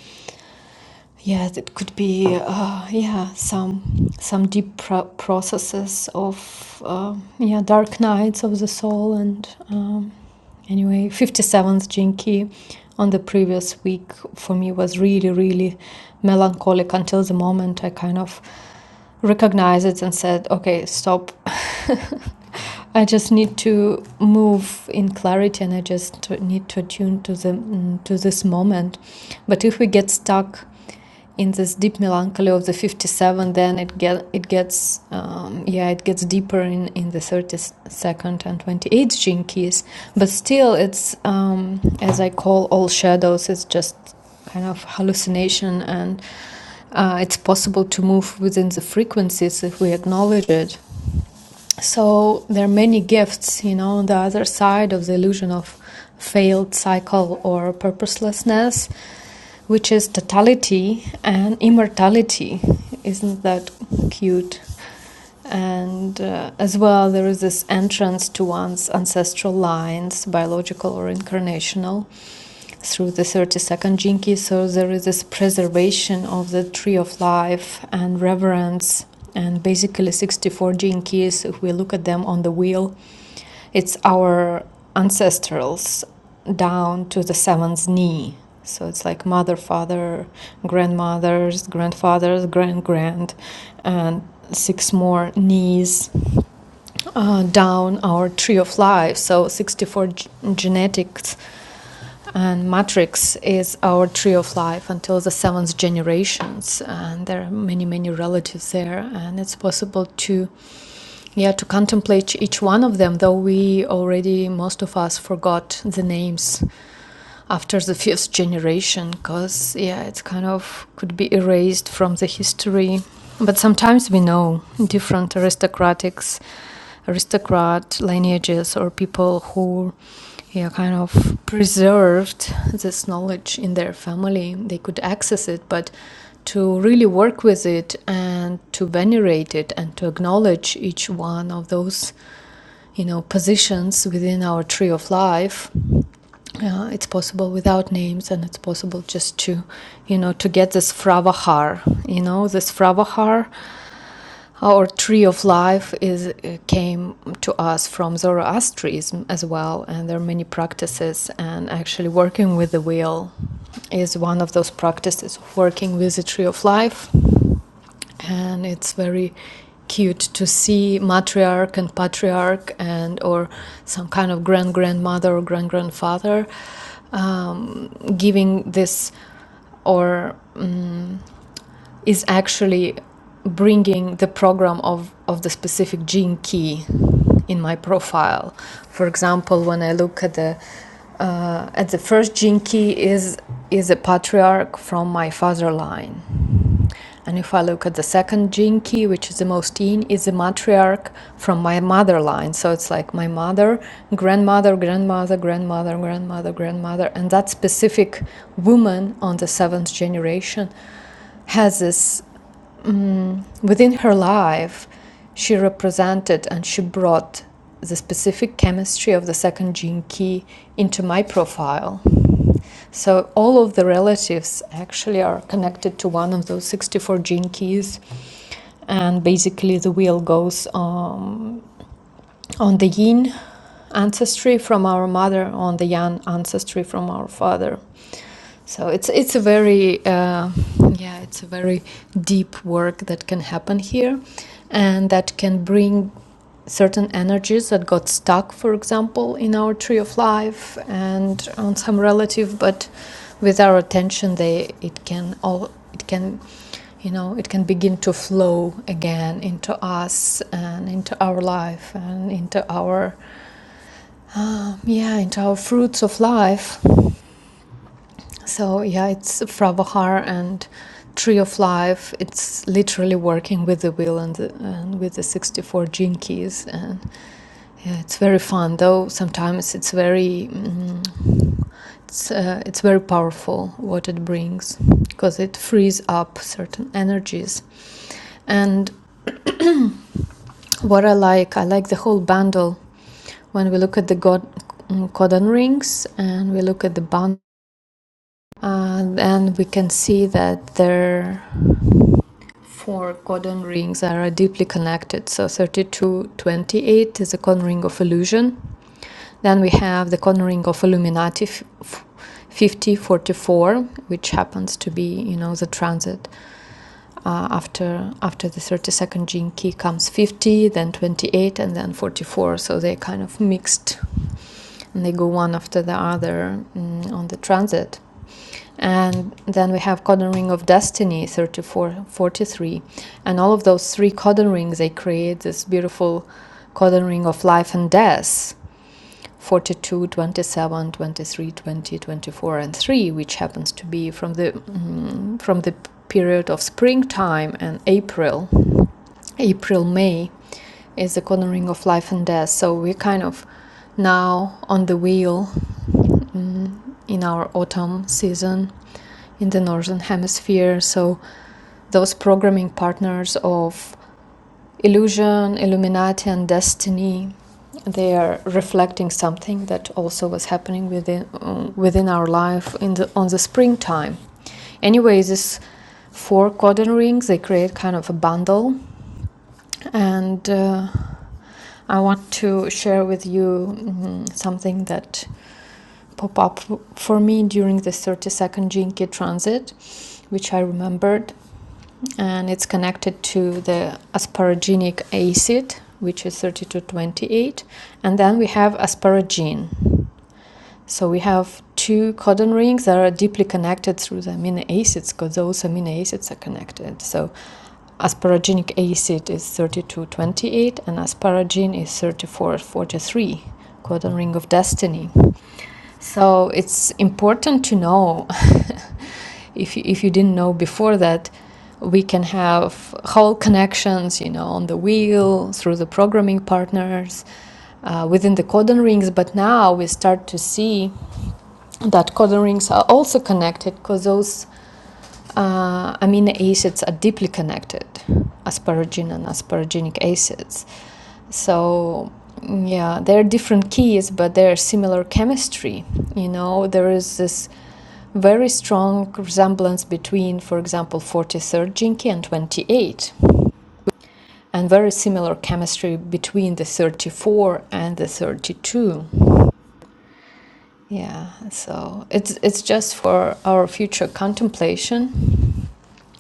Speaker 3: yeah, it could be uh, yeah some some deep pro- processes of uh, yeah dark nights of the soul and um, anyway 57th Jinki on the previous week for me was really really melancholic until the moment I kind of recognized it and said okay stop I just need to move in clarity, and I just need to attune to the mm, to this moment. But if we get stuck in this deep melancholy of the 57, then it get it gets um, yeah it gets deeper in in the 32nd and 28th gene keys. But still, it's um, as I call all shadows. It's just kind of hallucination and. Uh, it's possible to move within the frequencies if we acknowledge it so there are many gifts you know on the other side of the illusion of failed cycle or purposelessness which is totality and immortality isn't that cute and uh, as well there is this entrance to one's ancestral lines biological or incarnational through the 32nd Jinki. So there is this preservation of the tree of life and reverence, and basically 64 Jinkis. If we look at them on the wheel, it's our ancestrals down to the seventh knee. So it's like mother, father, grandmothers, grandfathers, grand grand, and six more knees uh, down our tree of life. So 64 g- genetics and Matrix is our tree of life until the seventh generations, and there are many, many relatives there, and it's possible to, yeah, to contemplate each one of them. Though we already, most of us, forgot the names after the fifth generation, because yeah, it's kind of could be erased from the history. But sometimes we know different aristocratics aristocrat lineages or people who yeah, kind of preserved this knowledge in their family. They could access it, but to really work with it and to venerate it and to acknowledge each one of those, you know, positions within our tree of life, uh, it's possible without names and it's possible just to you know to get this fravahar you know this fravahar our tree of life is uh, came to us from Zoroastrianism as well, and there are many practices. And actually, working with the wheel is one of those practices working with the tree of life. And it's very cute to see matriarch and patriarch and or some kind of grand grandmother or grand grandfather um, giving this or mm is actually bringing the program of, of the specific gene key in my profile. For example, when I look at the uh, at the first gene key is is a patriarch from my father line, and if I look at the second gene key, which is the most in, is a matriarch from my mother line. So it's like my mother, grandmother, grandmother, grandmother, grandmother, grandmother, and that specific woman on the seventh generation has this um, within her life, she represented and she brought the specific chemistry of the second gene key into my profile. So all of the relatives actually are connected to one of those 64 gene keys, and basically the wheel goes um, on the yin ancestry from our mother, on the yang ancestry from our father. So it's it's a very uh, yeah it's a very deep work that can happen here, and that can bring certain energies that got stuck, for example, in our tree of life and on some relative, but with our attention, they it can all it can you know it can begin to flow again into us and into our life and into our um, yeah into our fruits of life so yeah it's pravahar and tree of life it's literally working with the wheel and, the, and with the 64 gene keys and yeah, it's very fun though sometimes it's very mm, it's, uh, it's very powerful what it brings because it frees up certain energies and what I like, I like the whole bundle. When we look at the God, mm, codon rings and we look at the bundle, uh, and we can see that their four codon rings are deeply connected. So 3228 is a codon ring of illusion. Then we have the codon ring of Illuminati 5044, which happens to be, you know, the transit uh, after after the 32nd gene key comes 50 then 28 and then 44 so they kind of mixed and they go one after the other mm, on the transit and then we have codon ring of destiny 34 43, and all of those three codon rings they create this beautiful codon ring of life and death 42, 27, 23, 20, 24, and 3, which happens to be from the mm, from the period of springtime and April, April May, is the cornering of life and death. So we're kind of now on the wheel mm, in our autumn season in the northern hemisphere. So those programming partners of illusion, Illuminati, and destiny, they are reflecting something that also was happening within um, within our life in the on the springtime. Anyway, these four codon rings they create kind of a bundle, and uh, I want to share with you mm, something that popped up for me during the 32nd Jinki transit, which I remembered and it's connected to the asparaginic acid, which is 3228, and then we have asparagine. So we have two codon rings that are deeply connected through the amino acids because those amino acids are connected. So asparaginic acid is 3228 and asparagine is 3443, codon ring of destiny. So it's important to know if you, if you didn't know before that we can have whole connections, you know, on the wheel, through the programming partners, uh, within the codon rings. But now we start to see that codon rings are also connected because those uh, amino acids are deeply connected, asparagine and asparaginic acids. So yeah, they're different keys, but they're similar chemistry. You know, there is this very strong resemblance between, for example, 43rd Jinki and 28, and very similar chemistry between the 34 and the 32. Yeah, so it's it's just for our future contemplation.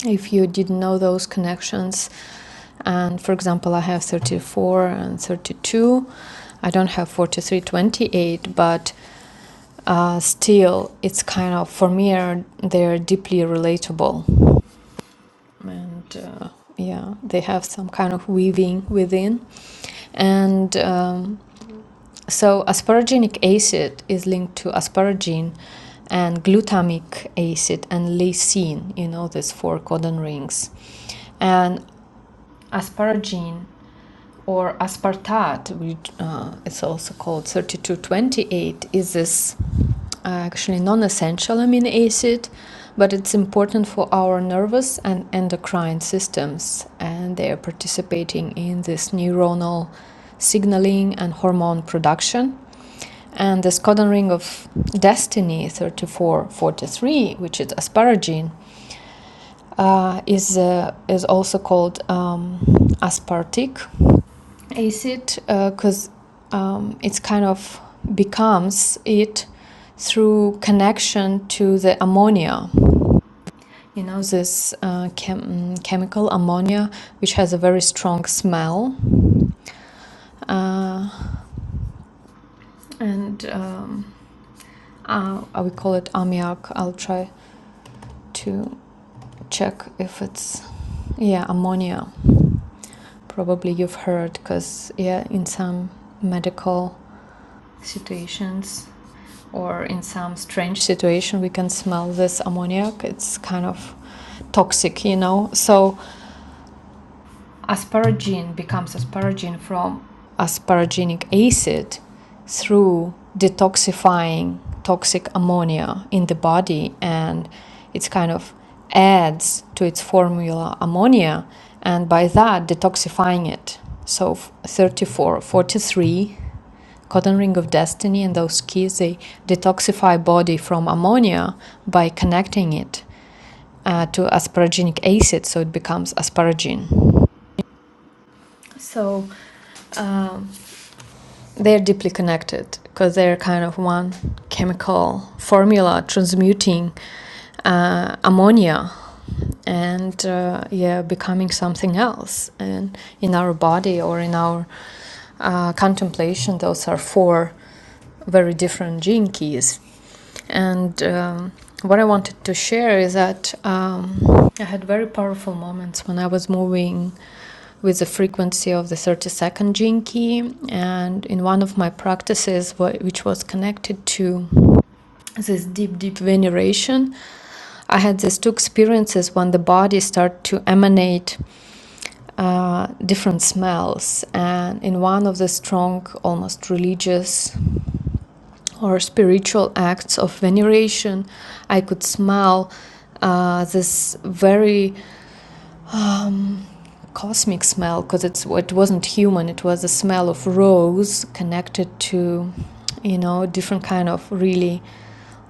Speaker 3: If you didn't know those connections, and for example, I have 34 and 32, I don't have 43, 28, but uh, still, it's kind of for me are, they're deeply relatable, and uh, yeah, they have some kind of weaving within, and. Um, so, asparaginic acid is linked to asparagine and glutamic acid and lysine, you know, these four codon rings. And asparagine or aspartate, which uh, it's also called 3228, is this uh, actually non-essential amino acid, but it's important for our nervous and endocrine systems, and they are participating in this neuronal signaling and hormone production. And this codon ring of destiny 3443, which is asparagine, uh, is uh, is also called um, aspartic acid because uh, um, it's kind of becomes it through connection to the ammonia. You know this uh, chem- mm, chemical ammonia, which has a very strong smell, uh, and um, uh, I would call it ammiac. I'll try to check if it's yeah ammonia Probably you've heard because, yeah, in some medical situations or in some strange situation, we can smell this ammoniac. It's kind of toxic, you know. So asparagine becomes asparagine from asparaginic acid through detoxifying toxic ammonia in the body and it's kind of adds to its formula ammonia and by that detoxifying it so 34 43, cotton ring of destiny and those keys they detoxify body from ammonia by connecting it uh, to asparaginic acid so it becomes asparagine so um, they're deeply connected because they're kind of one chemical formula transmuting uh, ammonia and uh, yeah, becoming something else. And in our body or in our uh, contemplation, those are four very different gene keys. And um, what I wanted to share is that um, I had very powerful moments when I was moving with the frequency of the 30 second gene key. And in one of my practices, wh- which was connected to this deep, deep veneration, I had these two experiences when the body started to emanate uh, different smells. And in one of the strong, almost religious or spiritual acts of veneration. I could smell uh, this very cosmic smell because it's it wasn't human it was the smell of rose connected to you know different kind of really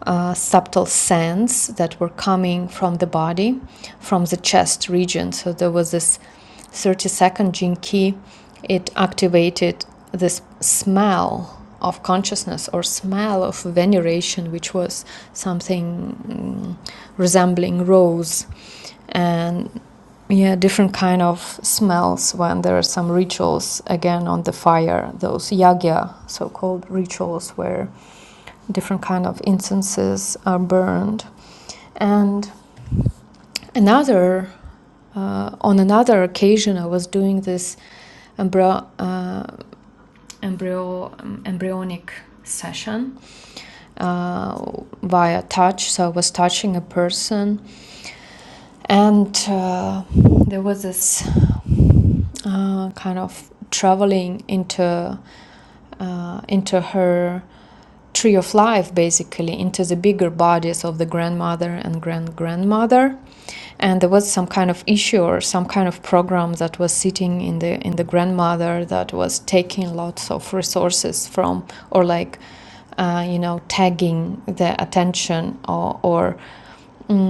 Speaker 3: uh, subtle scents that were coming from the body from the chest region so there was this 30 second gene key it activated this smell of consciousness or smell of veneration which was something mm, resembling rose and yeah different kind of smells when there are some rituals again on the fire those yagya so-called rituals where different kind of incenses are burned and another uh, on another occasion i was doing this embryo, uh, embryo um, embryonic session uh, via touch so i was touching a person and uh, there was this uh, kind of traveling into uh, into her tree of life basically into the bigger bodies of the grandmother and grand grandmother and there was some kind of issue or some kind of program that was sitting in the in the grandmother that was taking lots of resources from or like uh, you know tagging the attention or, or mm,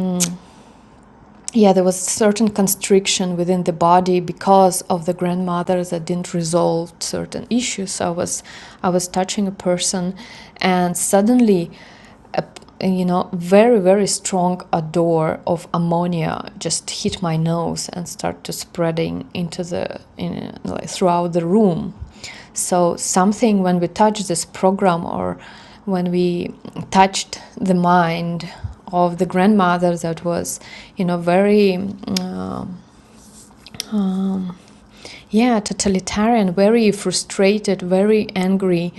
Speaker 3: yeah, there was certain constriction within the body because of the grandmother that didn't resolve certain issues. So I was, I was touching a person, and suddenly, a, you know, very very strong odor of ammonia just hit my nose and started spreading into the in, like, throughout the room. So something when we touch this program or when we touched the mind of the grandmother that was, you know, very. um um, yeah, totalitarian, very frustrated, very angry.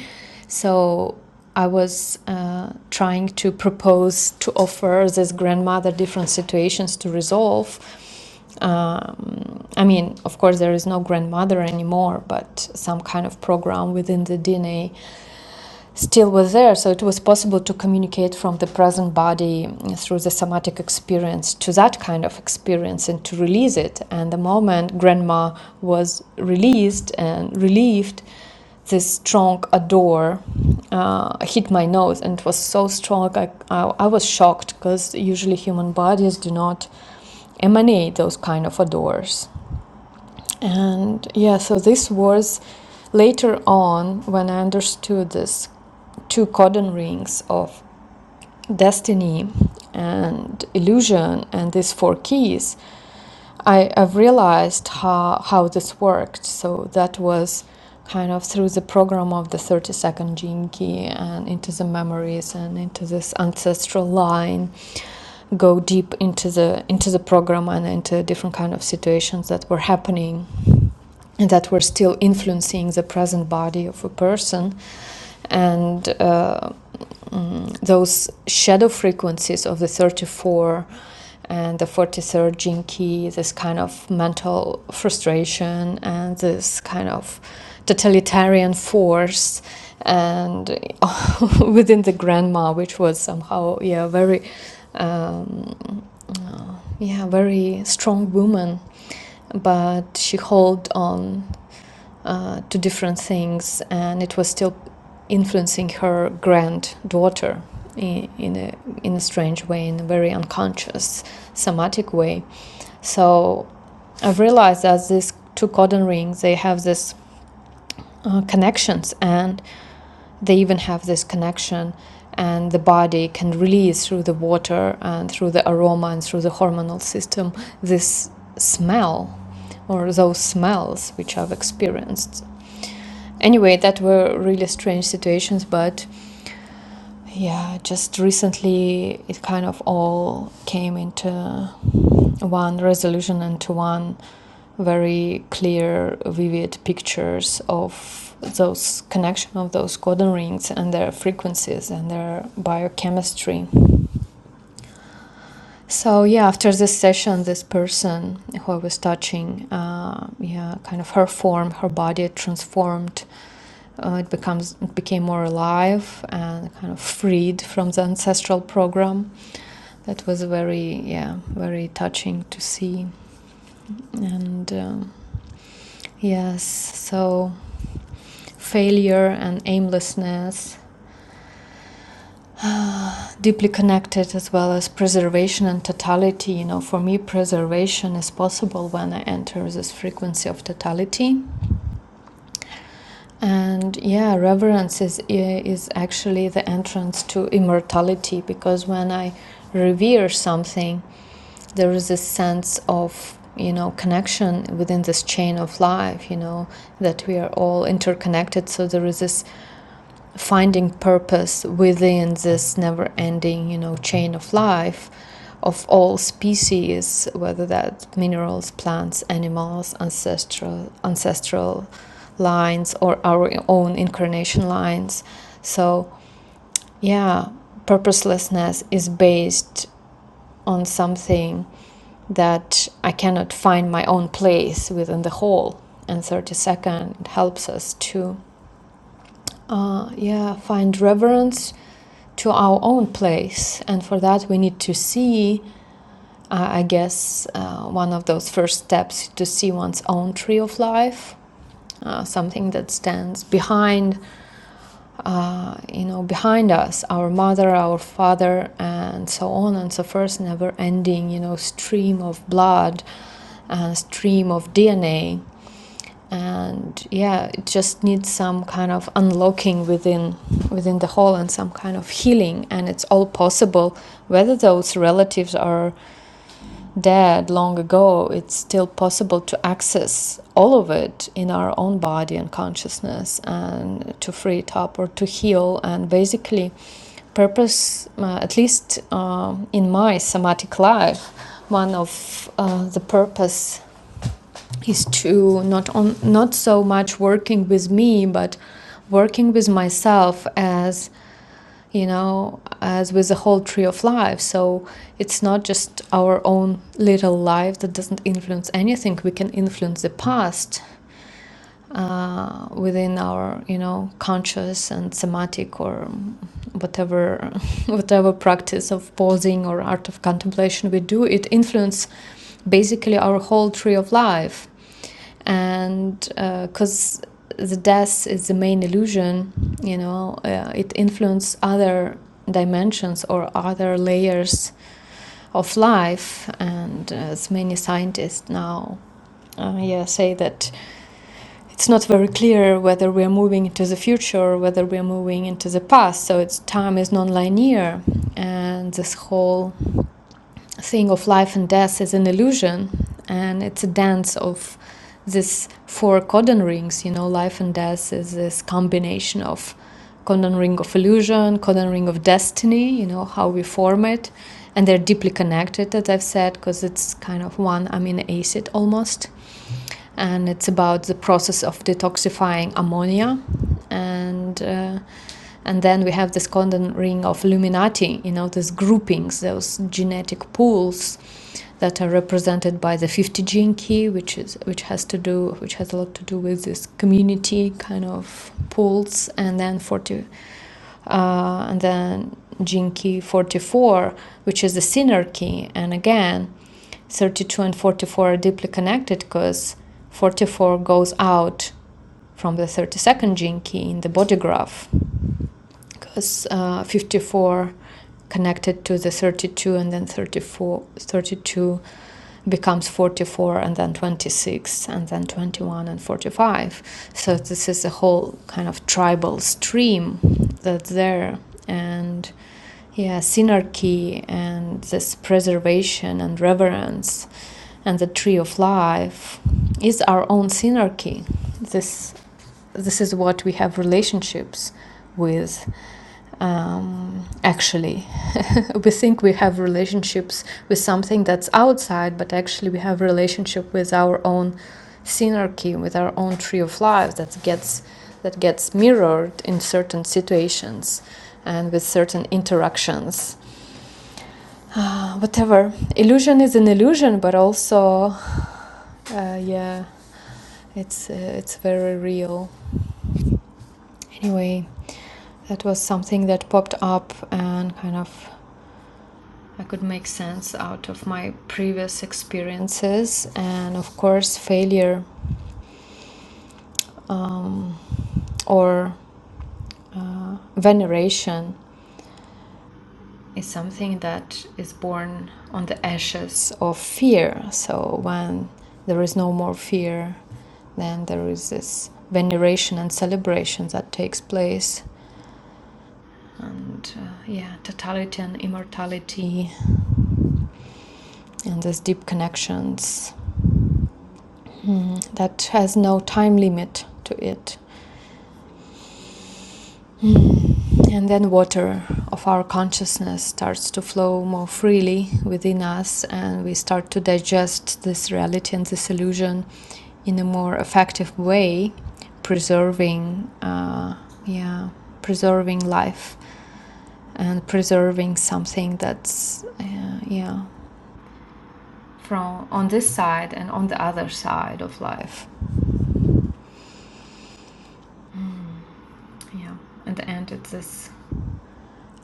Speaker 3: So I was uh, trying to propose to offer this grandmother different situations to resolve. Um, I mean, of course, there is no grandmother anymore, but some kind of program within the DNA still were there. So it was possible to communicate from the present body mm, through the somatic experience to that kind of experience and to release it. And the moment grandma was released and relieved, this strong odor uh, hit my nose and it was so strong. I, I, I was shocked because usually human bodies do not emanate those kind of odors. And yeah, so this was later on when I understood this two cordon rings of destiny and illusion and these four keys I, I've realized how, how this worked. So that was kind of through the program of the 32nd gene key and into the memories and into this ancestral line go deep into the into the program and into different kind of situations that were happening and that were still influencing the present body of a person and uh, um, those shadow frequencies of the 34 and the 43rd gene key, this kind of mental frustration and this kind of totalitarian force, and within the grandma, which was somehow, yeah, very, um, uh, yeah, very strong woman, but she held on uh, to different things, and it was still influencing her granddaughter in, in a in a strange way, in a very unconscious, somatic way. So I've realized that these two codon rings they have this uh, connections, and they even have this connection. And the body can release through the water and through the aroma and through the hormonal system this smell or those smells which I've experienced Anyway, that were really strange situations, but yeah, just recently it kind of all came into one resolution and to one very clear, vivid pictures of those connection of those codon rings and their frequencies and their biochemistry. So yeah, after this session, this person who I was touching, uh, yeah, kind of her form, her body transformed Uh, it becomes it became more alive and kind of freed from the ancestral program. That was very yeah very touching to see. And um, yes, so failure and aimlessness deeply connected as well as preservation and totality. You know, for me, preservation is possible when I enter this frequency of totality. And yeah, reverence is is actually the entrance to immortality because when I revere something, there is a sense of you know connection within this chain of life. You know that we are all interconnected, so there is this finding purpose within this never ending, you know, chain of life of all species, whether that's minerals, plants, animals, ancestral ancestral lines or our own incarnation lines. So yeah, purposelessness is based on something that I cannot find my own place within the whole. And 30 second helps us to uh, yeah, find reverence to our own place. And for that, we need to see, uh, I guess, uh, one of those first steps to see one's own tree of life, uh, something that stands behind uh, you know, behind us, our mother, our father, and so on, and so forth, never never-ending, you know, stream of blood and stream of DNA, and yeah, it just needs some kind of unlocking within within the whole and some kind of healing, and it's all possible, whether those relatives are dead long ago, it's still possible to access all of it in our own body and consciousness and to free it up or to heal. And basically, purpose, uh, at least um, in my somatic life, one of uh, the purpose is to not on, not so much working with me, but working with myself as you know, as with the whole tree of life. So it's not just our own little life that doesn't influence anything. We can influence the past uh, within our, you know, conscious and somatic or whatever, whatever practice of pausing or art of contemplation we do. It influences basically our whole tree of life and because uh, the death is the main illusion, you know, uh, it influences other dimensions or other layers of life. And uh, as many scientists now, uh, yeah, say that it's not very clear whether we are moving into the future or whether we are moving into the past. So it's time is non-linear, and this whole thing of life and death is an illusion and it's a dance of this four codon rings you know life and death is this combination of codon ring of illusion codon ring of destiny you know how we form it and they're deeply connected as i've said because it's kind of one amino acid almost and it's about the process of detoxifying ammonia and uh, and then we have this golden ring of Illuminati, you know, these groupings, those genetic pools that are represented by the 50 gene key, which is which has to do which has a lot to do with this community kind of pools, and then 40 uh, and then gene key 44, which is the sinner key. And again, 32 and 44 are deeply connected because 44 goes out from the 32nd gene key in the body graph because uh, 54 connected to the 32 and then 34 32 becomes 44 and then 26 and then 21 and 45 so this is a whole kind of tribal stream that's there and yeah synarchy and this preservation and reverence and the tree of life is our own synarchy this this is what we have relationships with um, actually we think we have relationships with something that's outside but actually we have relationship with our own synergy with our own tree of life that gets that gets mirrored in certain situations and with certain interactions Ah, whatever illusion is an illusion but also uh, yeah it's uh, it's very real anyway that was something that popped up and kind of I could make sense out of my previous experiences and, of course, failure um, or uh, veneration is something that is born on the ashes of fear. So when there is no more fear, then there is this veneration and celebration that takes place. And uh, yeah, totality and immortality and these deep connections mm, that has no time limit to it. Mm. And then water of our consciousness starts to flow more freely within us, and we start to digest this reality and this illusion in a more effective way, preserving, uh, yeah, preserving life and preserving something that's, uh, yeah, from on this side and on the other side of life. Yeah, at the end, it's this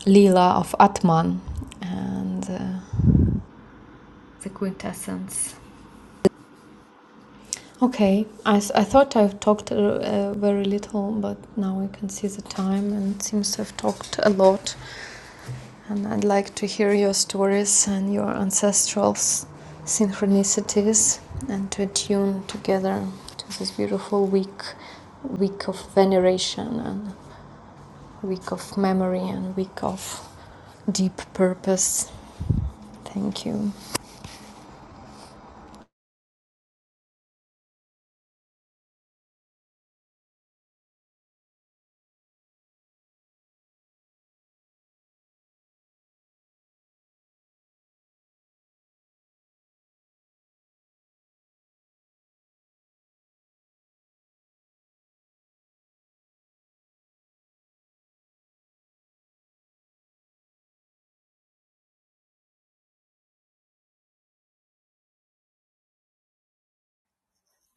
Speaker 3: Leela of Atman. And uh, the quintessence. okay, I I thought I've talked uh, uh, very little, but now I can see the time and it seems to have talked a lot. And I'd like to hear your stories and your ancestral synchronicities and to attune together to this beautiful week week of veneration and week of memory and week of deep purpose. Thank you.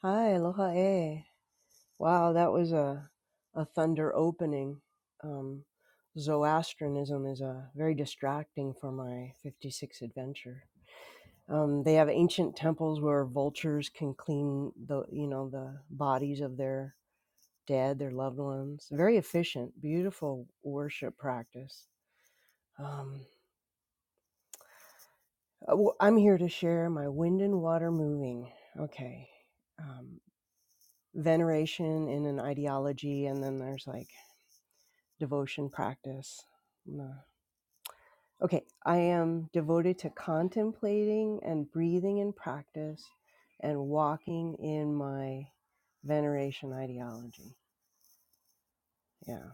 Speaker 4: Hi, aloha e. Wow, that was a a thunder opening. Um, Zoroastrianism is uh, very distracting for my 56 adventure. Um, they have ancient temples where vultures can clean the you know the bodies of their dead, their loved ones. Very efficient, beautiful worship practice. Um, uh, well, I'm here to share my wind and water moving. Okay. Um, veneration in an ideology, and then there's like devotion practice. No. Okay, I am devoted to contemplating and breathing in practice and walking in my veneration ideology. Yeah,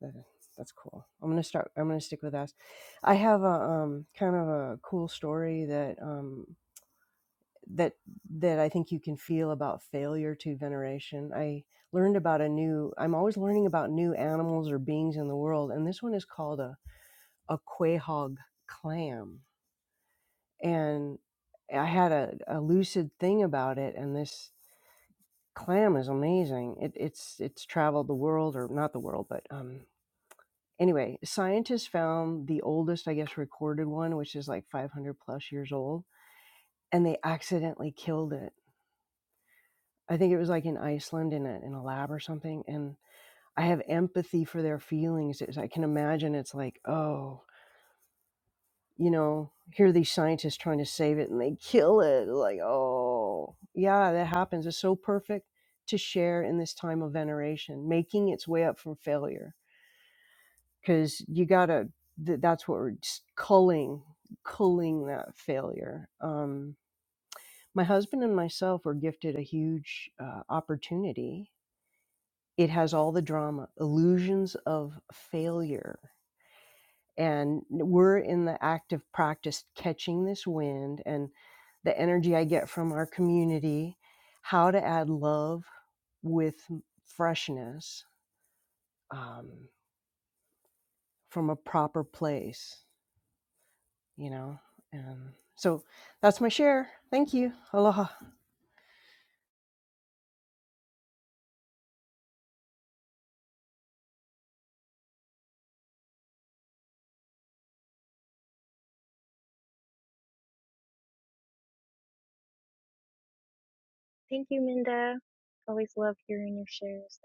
Speaker 4: that, that's cool. I'm gonna start. I'm gonna stick with that. I have a um, kind of a cool story that um, that that I think you can feel about failure to veneration. I learned about a new. I'm always learning about new animals or beings in the world, and this one is called a a quahog clam. And I had a, a lucid thing about it, and this clam is amazing. It, it's it's traveled the world, or not the world, but um, anyway, scientists found the oldest, I guess, recorded one, which is like 500 plus years old, and they accidentally killed it. I think it was like in Iceland in a in a lab or something, and I have empathy for their feelings. It's- I can imagine it's like, oh, you know, hear these scientists trying to save it and they kill it. Like, oh, yeah, that happens. It's so perfect to share in this time of veneration, making its way up from failure. Because you gotta, th- that's what we're just culling, culling that failure. Um, my husband and myself were gifted a huge uh, opportunity. It has all the drama, illusions of failure and we're in the active practice catching this wind and the energy I get from our community, how to add love with freshness um, from a proper place, you know. And so that's my share. Thank you. Aloha.
Speaker 5: Thank you, Minda. Always love hearing your shares.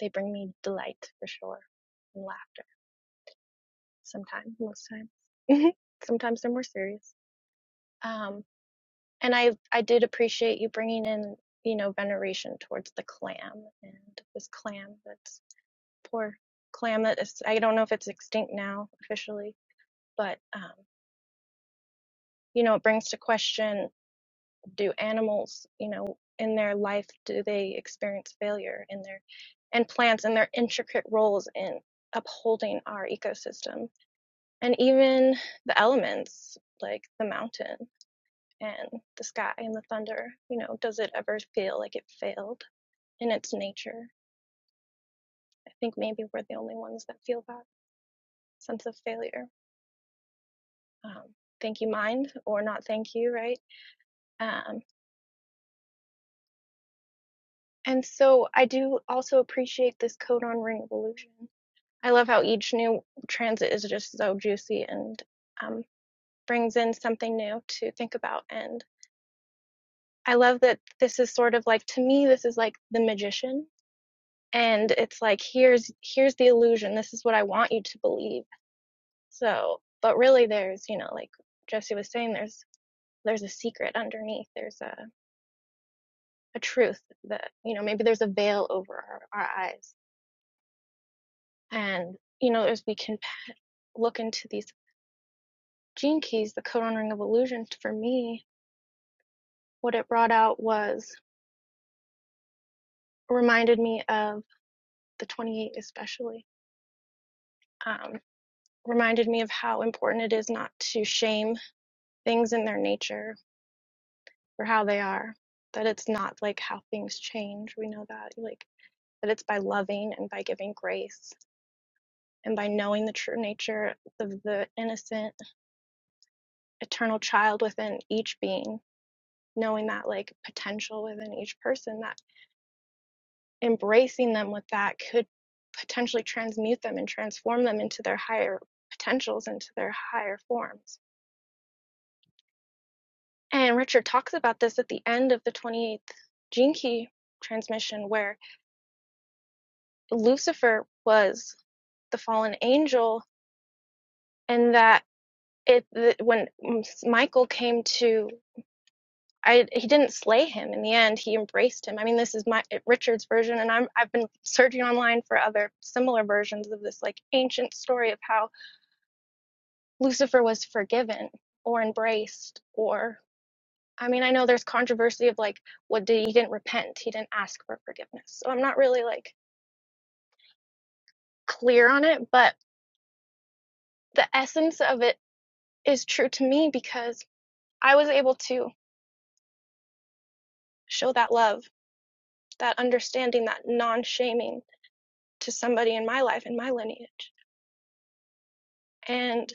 Speaker 5: They bring me delight for sure, and laughter sometimes, most times. sometimes they're more serious. Um, and I I did appreciate you bringing in you know veneration towards the clam and this clam that's poor clam that is I don't know if it's extinct now officially, but um, you know it brings to question do animals you know in their life do they experience failure in their and plants and their intricate roles in upholding our ecosystem and even the elements like the mountain and the sky and the thunder you know does it ever feel like it failed in its nature i think maybe we're the only ones that feel that sense of failure um, thank you mind or not thank you right um, and so I do also appreciate this code on Ring of Illusion I love how each new transit is just so juicy and um, brings in something new to think about. And I love that this is sort of like to me, this is like the magician, and it's like here's here's the illusion. This is what I want you to believe. So, but really, there's you know, like Jesse was saying, there's there's a secret underneath. There's a a truth that you know maybe there's a veil over our, our eyes, and you know as we can look into these gene keys, the code on ring of illusion for me what it brought out was reminded me of the 28 especially um, reminded me of how important it is not to shame things in their nature or how they are that it's not like how things change we know that like that it's by loving and by giving grace and by knowing the true nature of the innocent eternal child within each being knowing that like potential within each person that. embracing them with that could potentially transmute them and transform them into their higher potentials, into their higher forms. And Richard talks about this at the end of the 28th Gene Key transmission, where Lucifer was the fallen angel, and that it that when Michael came to I, he didn't slay him in the end. He embraced him. I mean, this is my Richard's version, and I'm I've been searching online for other similar versions of this like ancient story of how Lucifer was forgiven or embraced or I mean I know there's controversy of like what did he didn't repent he didn't ask for forgiveness so I'm not really like clear on it but the essence of it is true to me because I was able to show that love that understanding that non-shaming to somebody in my life in my lineage and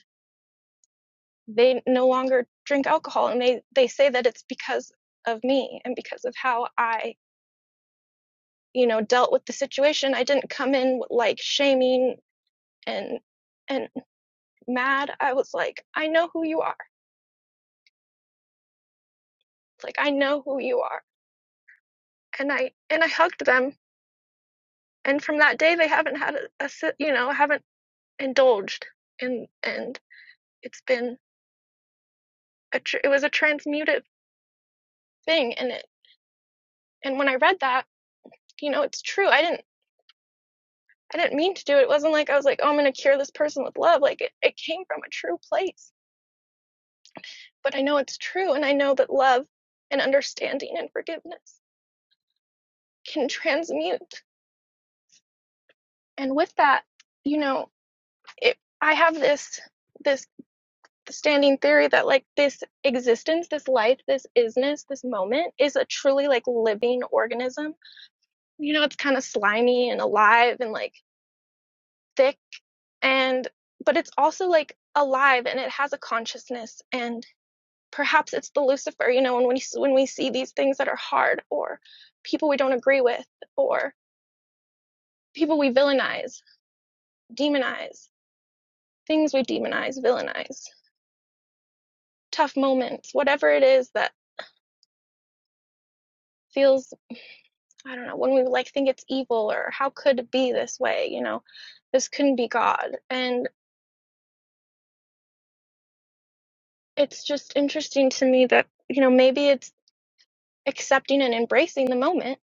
Speaker 5: they no longer drink alcohol and they they say that it's because of me and because of how I you know dealt with the situation i didn't come in like shaming and and mad i was like i know who you are like i know who you are and i and i hugged them and from that day they haven't had a, a si- you know haven't indulged and and it's been a tr- it was a transmutive thing and it and when i read that you know it's true i didn't i didn't mean to do it it wasn't like i was like oh i'm going to cure this person with love like it, it came from a true place but I know it's true, and I know that love and understanding and forgiveness can transmute. And with that, you know, it, I have this this standing theory that like this existence, this life, this isness, this moment is a truly like living organism. You know, it's kind of slimy and alive and like thick and but it's also like alive and it has a consciousness and Perhaps it's the Lucifer, you know, and when we, when we see these things that are hard or people we don't agree with or people we villainize, demonize, things we demonize, villainize, tough moments, whatever it is that feels, I don't know, when we like think it's evil or how could it be this way, you know, this couldn't be God. And it's just interesting to me that, you know, maybe it's accepting and embracing the moment,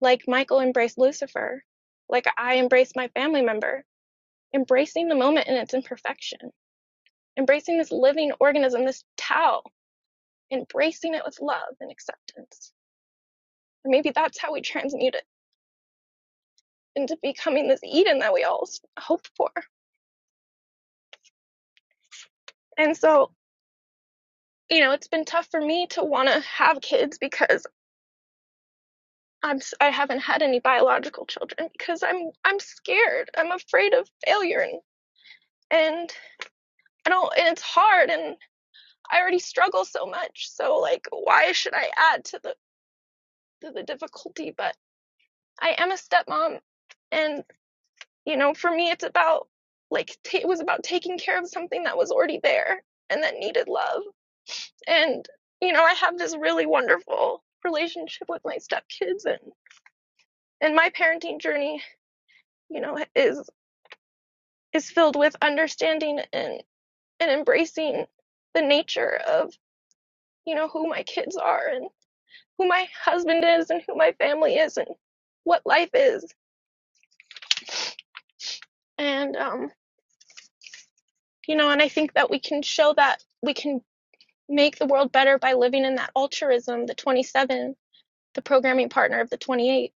Speaker 5: like Michael embraced Lucifer, like I embraced my family member embracing the moment in its imperfection, embracing this living organism, this Tao, embracing it with love and acceptance. And maybe that's how we transmute it into becoming this Eden that we all hope for. And so, you know, it's been tough for me to want to have kids because I'm s- I am i have not had any biological children because I'm I'm scared. I'm afraid of failure and and I don't and it's hard and I already struggle so much. So like why should I add to the to the difficulty but I am a stepmom, and you know, for me, it's about like ta it was about taking care of something that was already there and that needed love. And you know, I have this really wonderful relationship with my stepkids, and and my parenting journey, you know, is is filled with understanding and and embracing the nature of you know who my kids are and who my husband is and who my family is and what life is. And um, you know, and I think that we can show that we can make the world better by living in that altruism, the 27, the programming partner of the 28,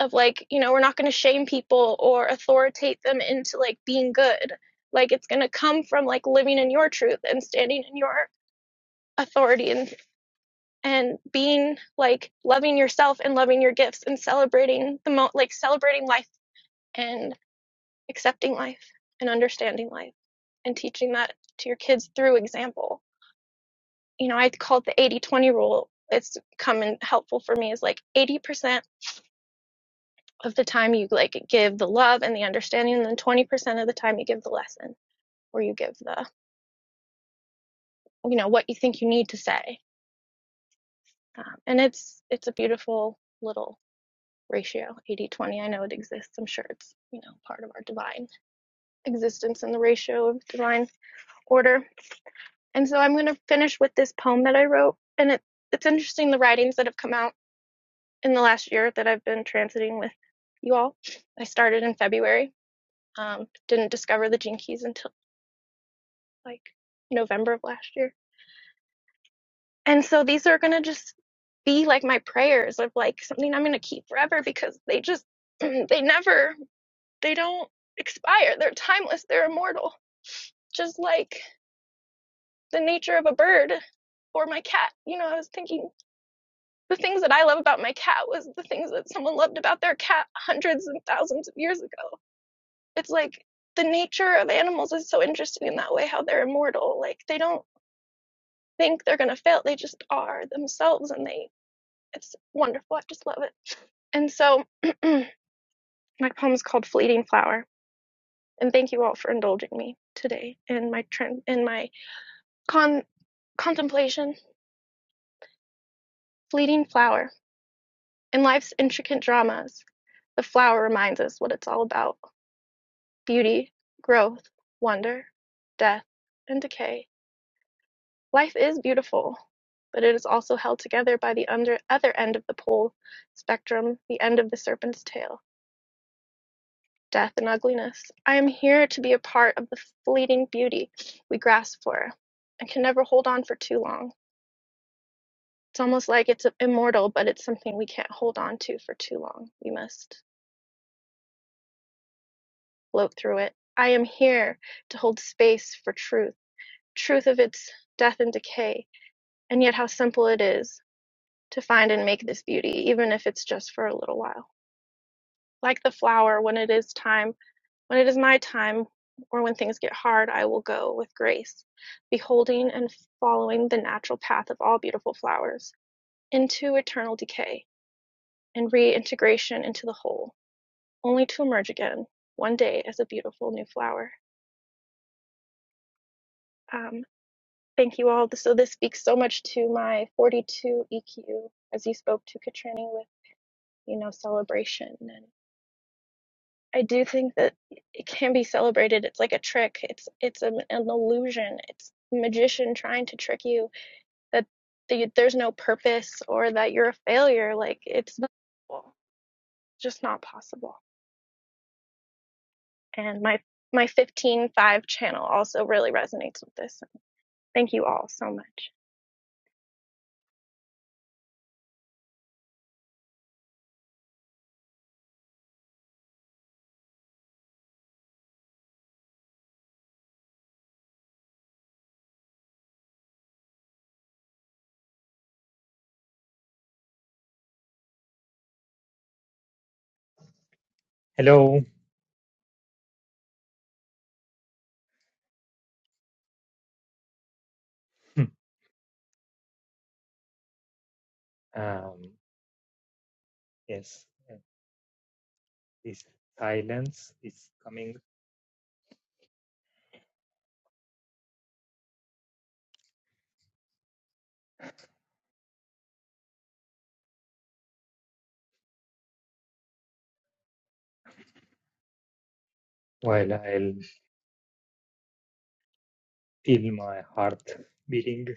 Speaker 5: of like, you know, we're not going to shame people or authoritate them into like being good. Like it's going to come from like living in your truth and standing in your authority and and being like loving yourself and loving your gifts and celebrating the mo- like celebrating life and accepting life and understanding life and teaching that to your kids through example you know, I call it the 80 20 rule. It's come in helpful for me is like 80% of the time you like give the love and the understanding, and then 20% of the time you give the lesson or you give the, you know, what you think you need to say. Um, and it's, it's a beautiful little ratio 80 20. I know it exists. I'm sure it's, you know, part of our divine existence and the ratio of divine order. And so I'm going to finish with this poem that I wrote. And it, it's interesting the writings that have come out in the last year that I've been transiting with you all. I started in February. Um, didn't discover the gene keys until like November of last year. And so these are going to just be like my prayers of like something I'm going to keep forever because they just, they never, they don't expire. They're timeless. They're immortal. Just like the nature of a bird or my cat. You know, I was thinking the things that I love about my cat was the things that someone loved about their cat hundreds and thousands of years ago. it's like the nature of animals is so interesting in that way how they're immortal like they don't think they're going to fail they just are themselves and they it's wonderful i just love it and so my poem is called fleeting flower and thank you all for indulging me today in my trend in my con contemplation fleeting flower in life's intricate dramas the flower reminds us what it's all about beauty growth wonder death and decay Life is beautiful, but it is also held together by the under other end of the pole spectrum, the end of the serpent's tail, death and ugliness. I am here to be a part of the fleeting beauty we grasp for and can never hold on for too long. It's almost like it's immortal, but it's something we can't hold on to for too long. We must float through it. I am here to hold space for truth, truth of its death and decay, and yet how simple it is to find and make this beauty, even if it's just for a little while. Like the flower, when it is time, when it is my time, or when things get hard, I will go with grace, beholding and following the natural path of all beautiful flowers into eternal decay and reintegration into the whole, only to emerge again one day as a beautiful new flower. Um, thank you all. So this speaks so much to my 42 EQ as you spoke to Katrini with you know celebration and. I do think that it can be celebrated. It's like a trick. It's it's an, an illusion. It's a magician trying to trick you that the, there's no purpose or that you're a failure. Like it's not possible. just not possible. And my my 15 5 channel also really resonates with this. so Thank you all so much.
Speaker 6: Hello. Um, yes, uh, this silence is coming while I'll feel my heart beating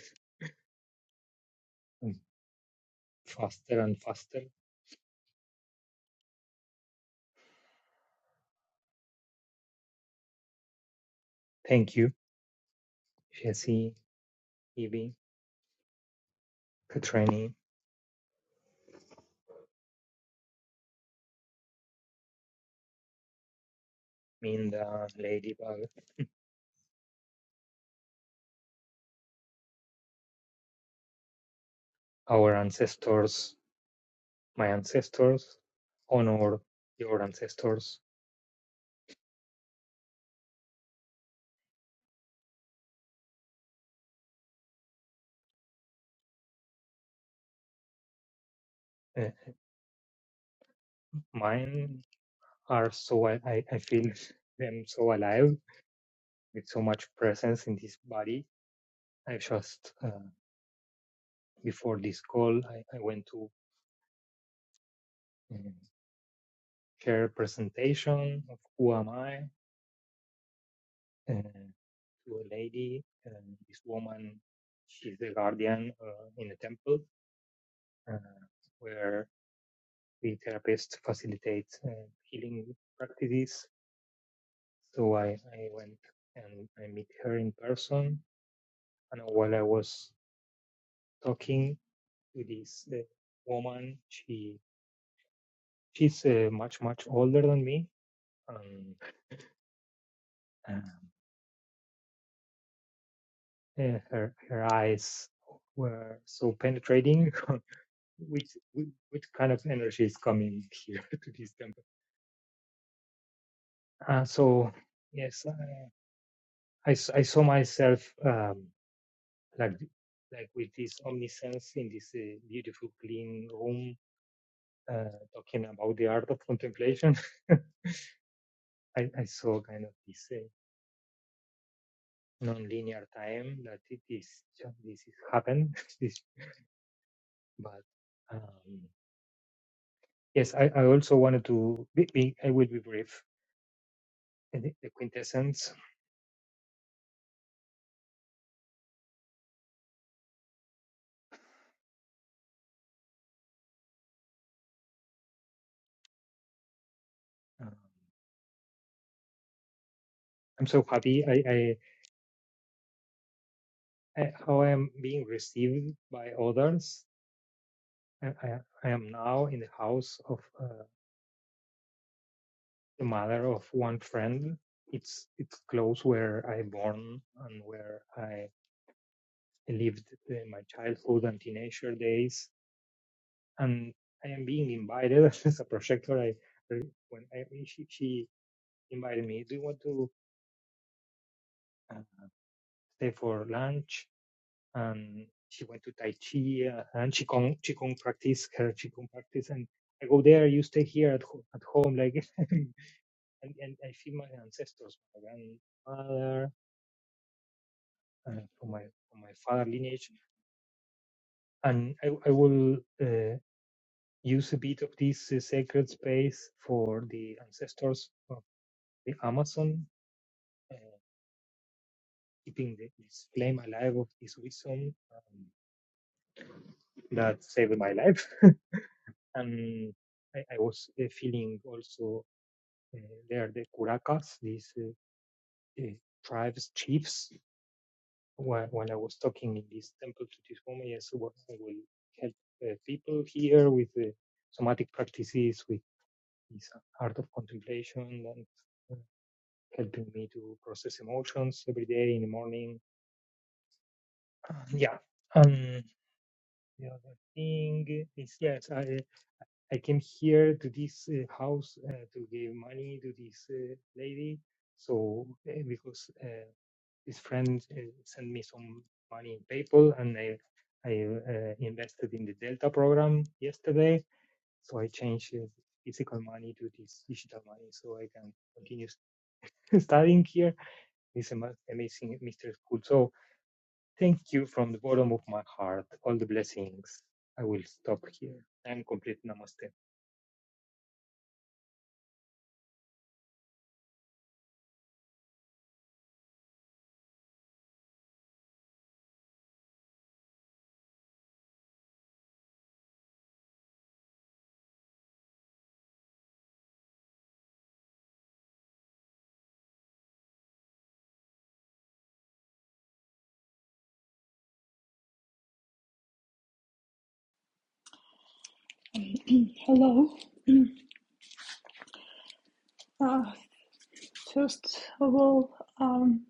Speaker 6: um, faster and faster. Thank you, Jesse, Evie, Katrini, Minda, Ladybug, our ancestors, my ancestors, honor your ancestors. Uh, mine are so, I, I I feel them so alive with so much presence in this body. I just uh, before this call, I, I went to uh, share a presentation of who am I uh, to a lady. And this woman, she's the guardian uh, in a temple uh, where the therapist facilitates uh, healing practices. So I, I went and I meet her in person. And while I was talking to this uh, woman, she she's uh, much much older than me. Um, uh, Uh, her her eyes were so penetrating. which which kind of energy is coming here to this temple? Uh, so yes, I I I saw myself um, like like with this omniscience in this uh, beautiful clean room, uh, talking about the art of contemplation. I, I saw kind of this uh, non-linear time that it is this is happened. this, but. Um, Yes, I, I also wanted to be, be I will be brief. in The, the quintessence. Um, I'm so happy I, I, I how I am being received by others. I, I, I am now in the house of uh, the mother of one friend. It's it's close where I born and where I lived in my childhood and teenager days. And I am being invited as a projector. I I- when I, she she invited me. Do you want to uh, stay for lunch? Um, she went to Tai Chi uh, and Qigong, Qigong practice, her Qigong practice. And I go there, you stay here at, ho- at home, like, and, and I feel my ancestors, my grandmother, uh, from my from my father lineage. And I, I will uh, use a bit of this uh, sacred space for the ancestors of the Amazon, uh, keeping the, this flame alive of this wisdom um, that saved my life. and I, I was uh, feeling also uh, they are the curacas, these uh, uh, tribes chiefs. When, when I was talking in this temple to this woman, yes, I I will help uh, people here with uh, somatic practices, with this art of contemplation, and uh, helping me to process emotions every day in the morning. Yeah. Um, the other thing is yes, I I came here to this uh, house uh, to give money to this uh, lady. So uh, because uh, his friend uh, sent me some money in PayPal, and I I uh, invested in the Delta program yesterday. So I changed uh, physical money to this digital money, so I can continue studying here. It's ama- amazing, Mr. School. So thank you from the bottom of my heart. All the blessings. I will stop here and complete Namaste.
Speaker 7: Hello. Uh, first of all, um,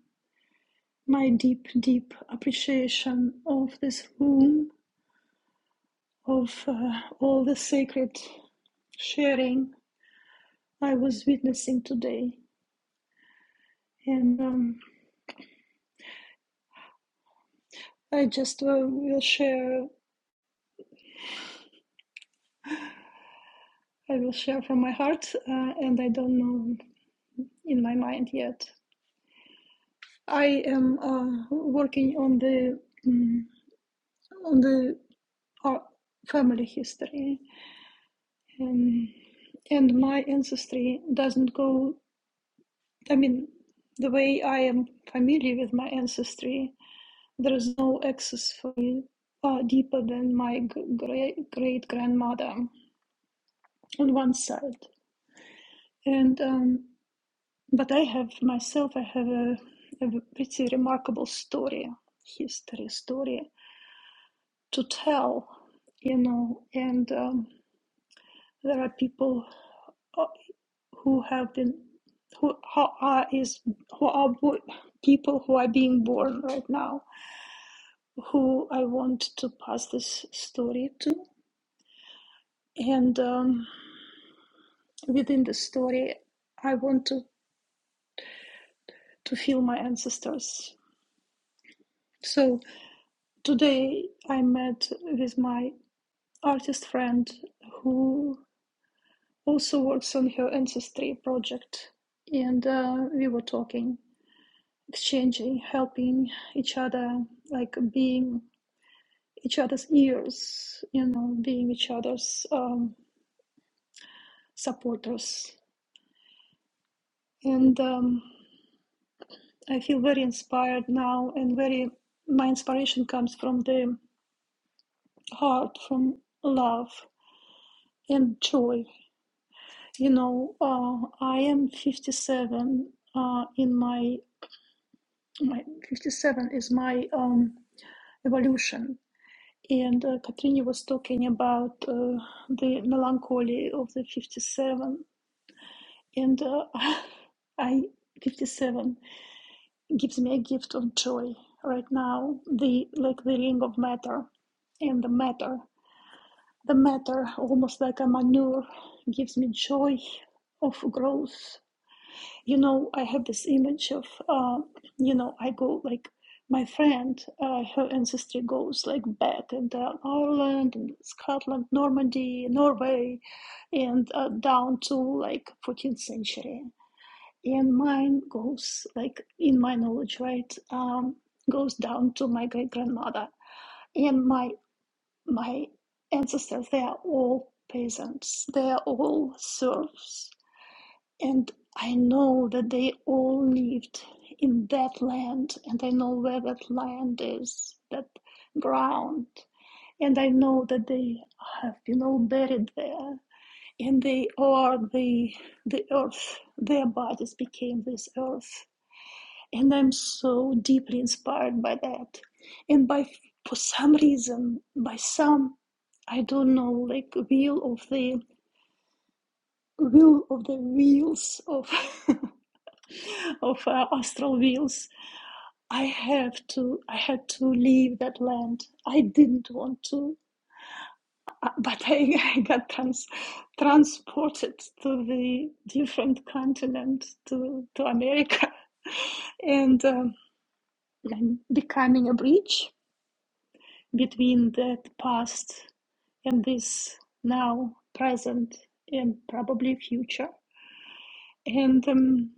Speaker 7: my deep, deep appreciation of this room, of uh, all the sacred sharing I was witnessing today, and um, I just uh, will share. I will share from my heart, uh, and I don't know in my mind yet. I am uh, working on the mm on the uh, family history Um, and my ancestry doesn't go, I mean, the way I am familiar with my ancestry, there is no access for me uh, deeper than my great great grandmother on one side. And um, but I have myself, I have a, a pretty remarkable story, history story to tell, you know. And um, there are people. who have been who how are is who are people who are being born right now who i want to pass this story to and um, within the story i want to to feel my ancestors so today i met with my artist friend who also works on her ancestry project and uh, we were talking exchanging helping each other like being each other's ears, you know, being each other's um, supporters. And um, I feel very inspired now, and very my inspiration comes from the heart, from love and joy. You know, uh, I am 57. Uh, in my my 57 is my um, evolution. And uh, Katrina was talking about uh, the melancholy of the 57 and uh, I 57 gives me a gift of joy right now the like the ring of matter and the matter the matter almost like a manure gives me joy of growth you know I have this image of uh, you know I go like my friend uh, her ancestry goes like back and uh, Ireland and Scotland Normandy Norway and uh, down to like 14th century and mine goes like in my knowledge right um goes down to my great grandmother and my my ancestors they are all peasants they are all serfs and i know that they all lived in that land and i know where that land is that ground and i know that they have been all buried there and they are the the earth their bodies became this earth and i'm so deeply inspired by that and by for some reason by some i don't know like wheel of the wheel of the wheels of of uh, astral wheels i have to i had to leave that land i didn't want to uh, but I, I got trans, transported to the different continent to to america and um, I'm becoming a bridge between that past and this now, present, and probably future. And um,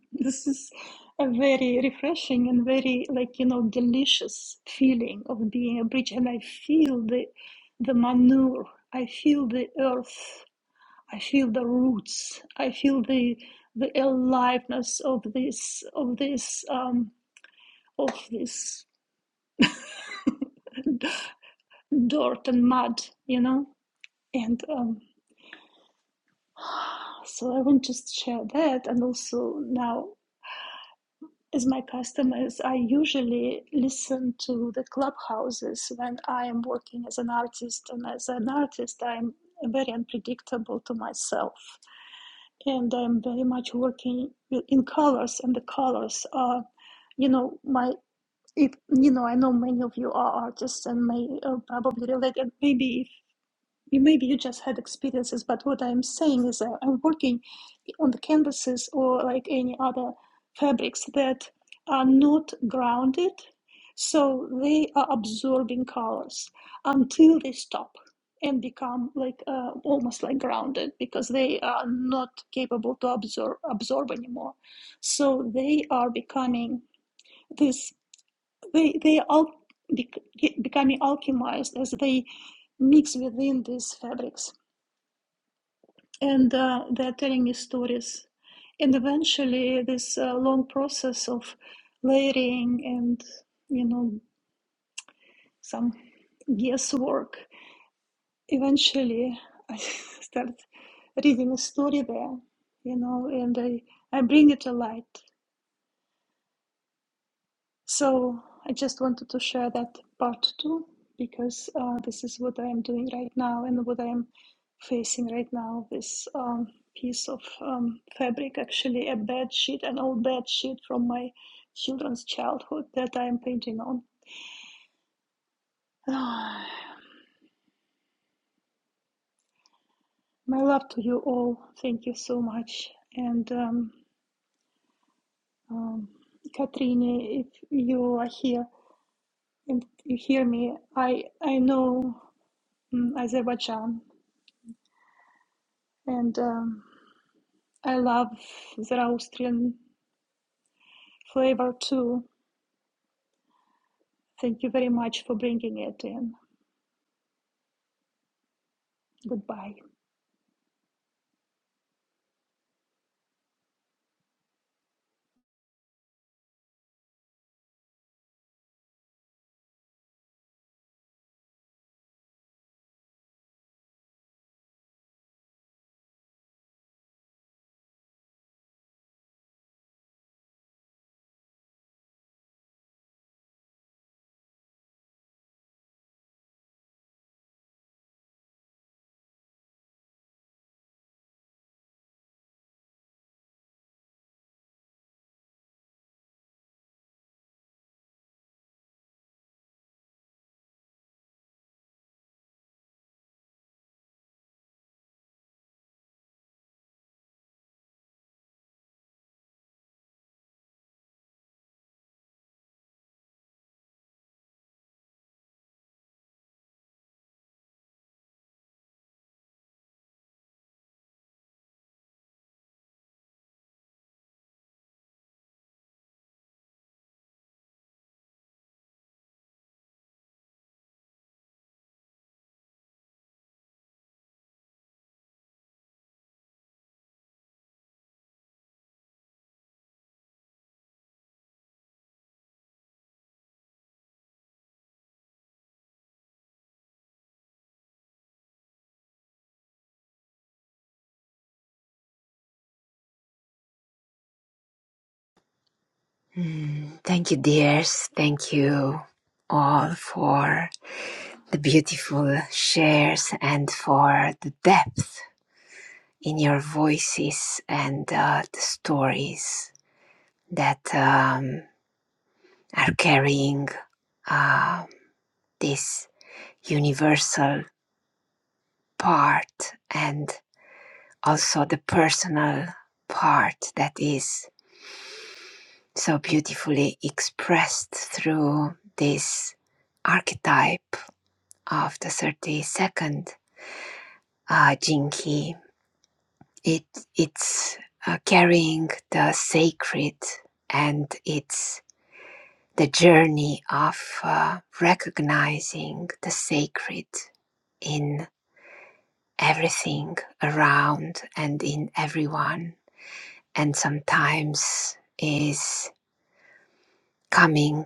Speaker 7: this is a very refreshing and very, like, you know, delicious feeling of being a bridge. And I feel the, the manure, I feel the earth, I feel the roots, I feel the, the aliveness of this, of this, um, of this dirt and mud, you know. And um, So I want to just share that. And also now, as my customers, I usually listen to the clubhouses when I am working as an artist. And as an artist, I'm very unpredictable to myself. And I'm very much working in colors, and the colors are, you know, my. If you know, I know many of you are artists and may uh, probably relate. And maybe maybe you just had experiences, but what I'm saying is uh, I'm working on the canvases or like any other fabrics that are not grounded, so they are absorbing colors until they stop and become like uh, almost like grounded because they are not capable to absorb absorb anymore. So they are becoming this. They they are al- bec- becoming alchemized as they mix within these fabrics and uh, they're telling me stories. And eventually, this uh, long process of layering and you know some guesswork. Eventually, I start reading a story there, you know, and I I bring it to light. So I just wanted to share that part too, because uh, this is what I am doing right now and what I am facing right now. This um, piece of um, fabric, actually a bed sheet, an old bed sheet from my children's childhood that I am painting on. my love to you all. Thank you so much. And um, um, Katrine, if you are here and you hear me, I I know mm, Azerbaijan and. Um, I love the Austrian flavor too. Thank you very much for bringing it in. Goodbye.
Speaker 2: Mm, thank you, dears. Thank you all for the beautiful shares and for the depth in your voices and uh, the stories that um, are carrying uh, this universal part and also the personal part that is so beautifully expressed through this archetype of the 32nd uh, Jinki. It, it's uh, carrying the sacred and it's the journey of uh, recognizing the sacred in everything around and in everyone and sometimes is coming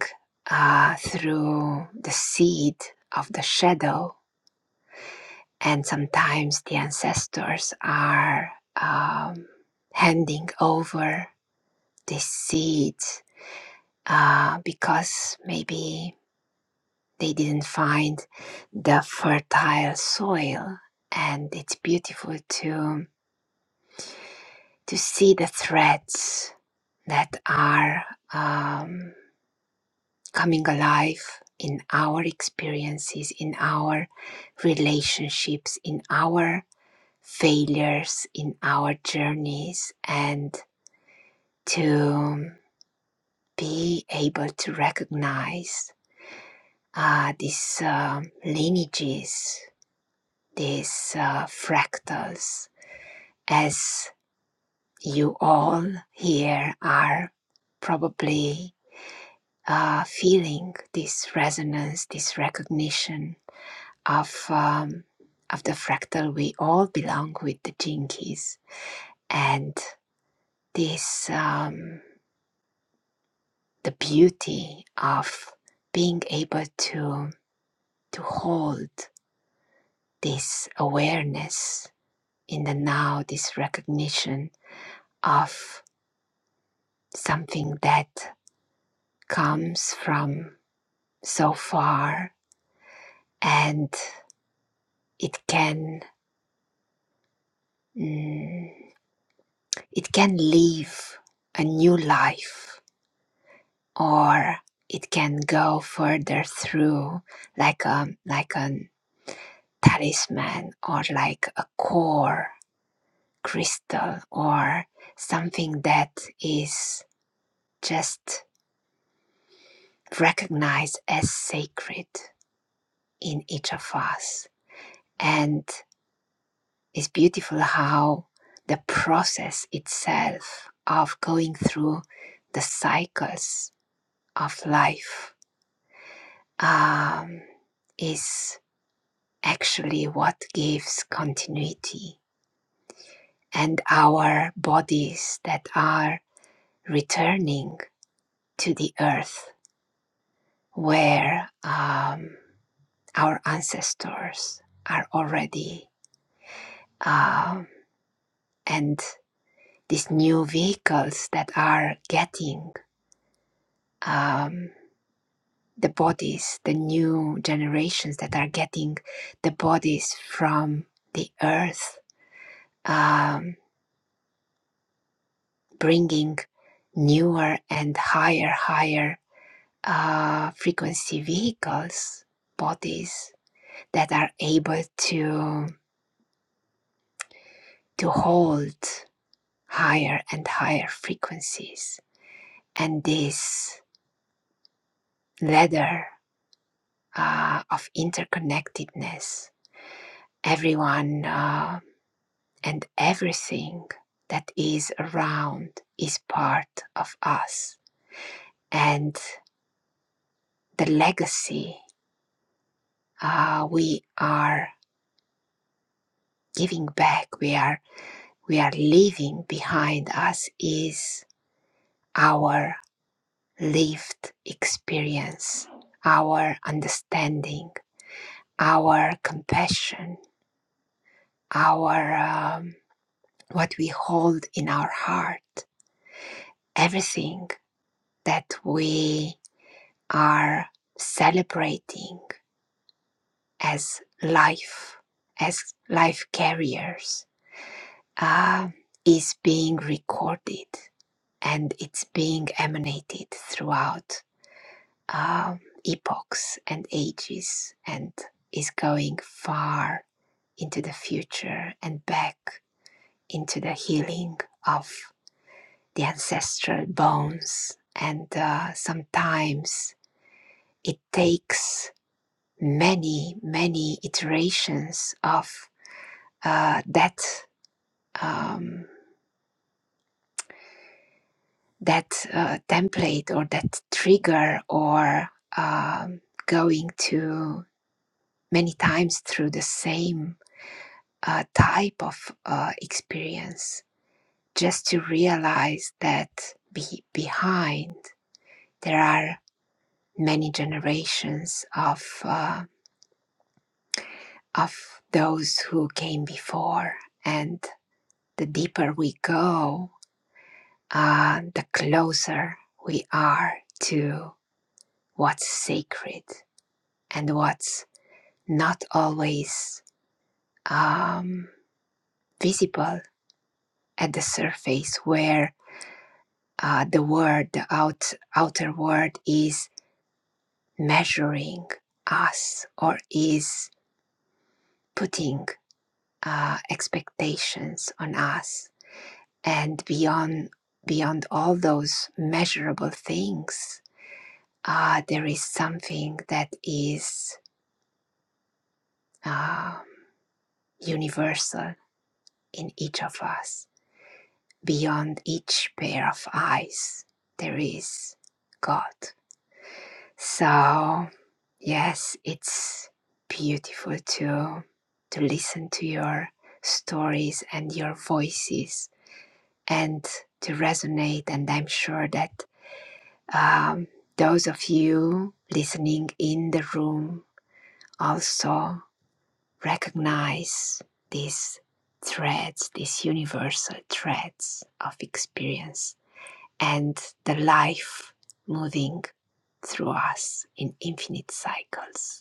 Speaker 2: uh, through the seed of the shadow. And sometimes the ancestors are um, handing over these seeds uh, because maybe they didn't find the fertile soil. And it's beautiful to, to see the threads that are. Um, coming alive in our experiences, in our relationships, in our failures, in our journeys, and to um, be able to recognize uh, these um lineages, these uh, fractals, as you all here are probably uh, feeling this resonance, this recognition of um, of the fractal we all belong with the jinkies and this um, the beauty of being able to to hold this awareness in the now this recognition of something that comes from so far and it can mm, it can live a new life or it can go further through like a like a talisman or like a core crystal or something that is just recognized as sacred in each of us and it's beautiful how the process itself of going through the cycles of life um, is actually what gives continuity. And our bodies that are returning to the earth where um, our ancestors are already, um, and these new vehicles that are getting um, the bodies, the new generations that are getting the bodies from the earth, um, bringing newer and higher, higher uh, frequency vehicles, bodies that are able to to hold higher and higher frequencies, and this ladder uh, of interconnectedness, everyone uh, and everything that is around is part of us, and the legacy uh, we are giving back, we are we are leaving behind us is our lived experience, our understanding, our compassion, our um, what we hold in our heart, everything that we are celebrating as life, as life carriers, uh, is being recorded and it's being emanated throughout um, epochs and ages and is going far into the future and back into the healing of the ancestral bones. And uh, sometimes it takes many, many iterations of uh, that. Um, that uh, template or that trigger or um, going to many times through the same a type of uh, experience just to realize that be- behind there are many generations of uh, of those who came before and the deeper we go uh, the closer we are to what's sacred and what's not always um, visible at the surface where uh, the word, the out, outer word is measuring us or is putting uh, expectations on us. And beyond, beyond all those measurable things, uh, there is something that is uh, universal in each of us. Beyond each pair of eyes, there is God. So, Yes, it's beautiful to to listen to your stories and your voices and to resonate. And I'm sure that um, those of you listening in the room also recognize these threads, these universal threads of experience and the life moving through us in infinite cycles.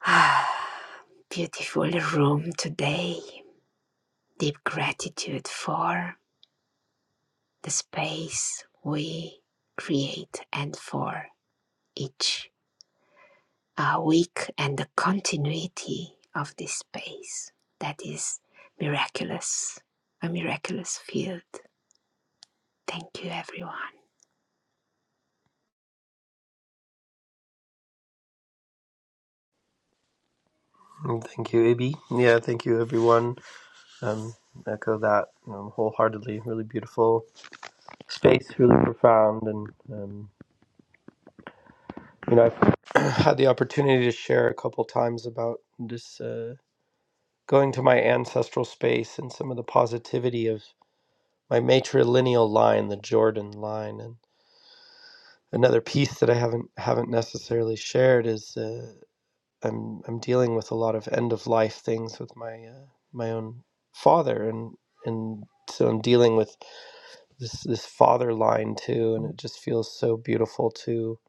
Speaker 2: Ah, beautiful room today. Deep gratitude for the space we create and for each uh, week and the continuity of this space. That is miraculous, a miraculous field. Thank you, everyone.
Speaker 1: Mm, Thank you, AB. Yeah, thank you, everyone. Um, echo that um, wholeheartedly. Really beautiful space, really profound, and um, you know, I've had the opportunity to share a couple times about this uh, going to my ancestral space and some of the positivity of my matrilineal line, the Jordan line, another piece that I haven't haven't necessarily shared is uh, I'm I'm dealing with a lot of end of life things with my uh, my own father and and so I'm dealing with this this father line too and it just feels so beautiful to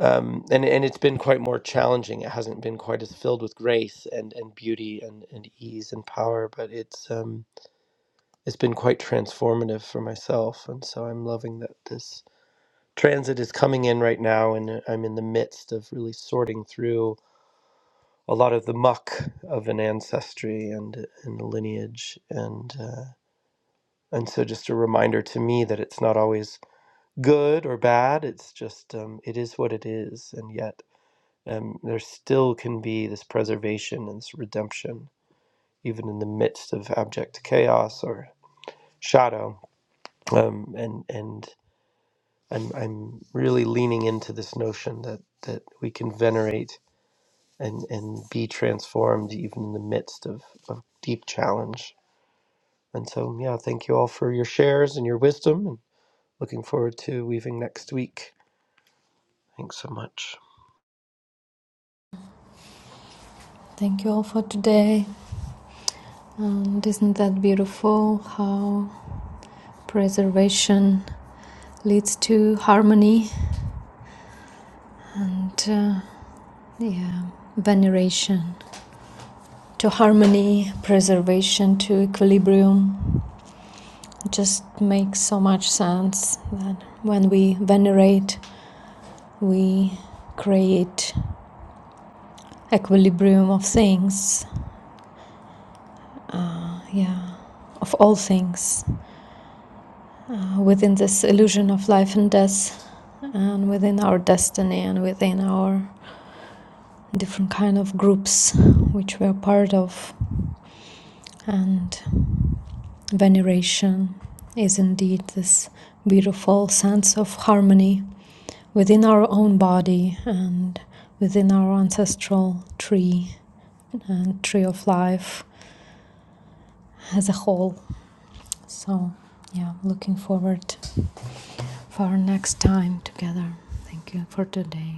Speaker 1: um, and and it's been quite more challenging it hasn't been quite as filled with grace and and beauty and and ease and power but it's um it's been quite transformative for myself and so I'm loving that this transit is coming in right now and i'm in the midst of really sorting through a lot of the muck of an ancestry and and a lineage and uh, and so just a reminder to me that it's not always good or bad it's just um, it is what it is and yet um, there still can be this preservation and this redemption even in the midst of abject chaos or shadow um, and and I'm, I'm really leaning into this notion that that we can venerate and and be transformed even in the midst of, of deep challenge. And so yeah, thank you all for your shares and your wisdom and looking forward to weaving next week. Thanks so much.
Speaker 3: Thank you all for today. And isn't that beautiful how preservation leads to harmony and uh, yeah, veneration? To harmony, preservation, to equilibrium. It just makes so much sense that when we venerate, we create equilibrium of things, yeah, of all things, uh, within this illusion of life and death, and within our destiny, and within our different kind of groups which we're part of and veneration is indeed this beautiful sense of harmony within our own body and within our ancestral tree and tree of life as a whole so yeah looking forward for our next time together thank you for today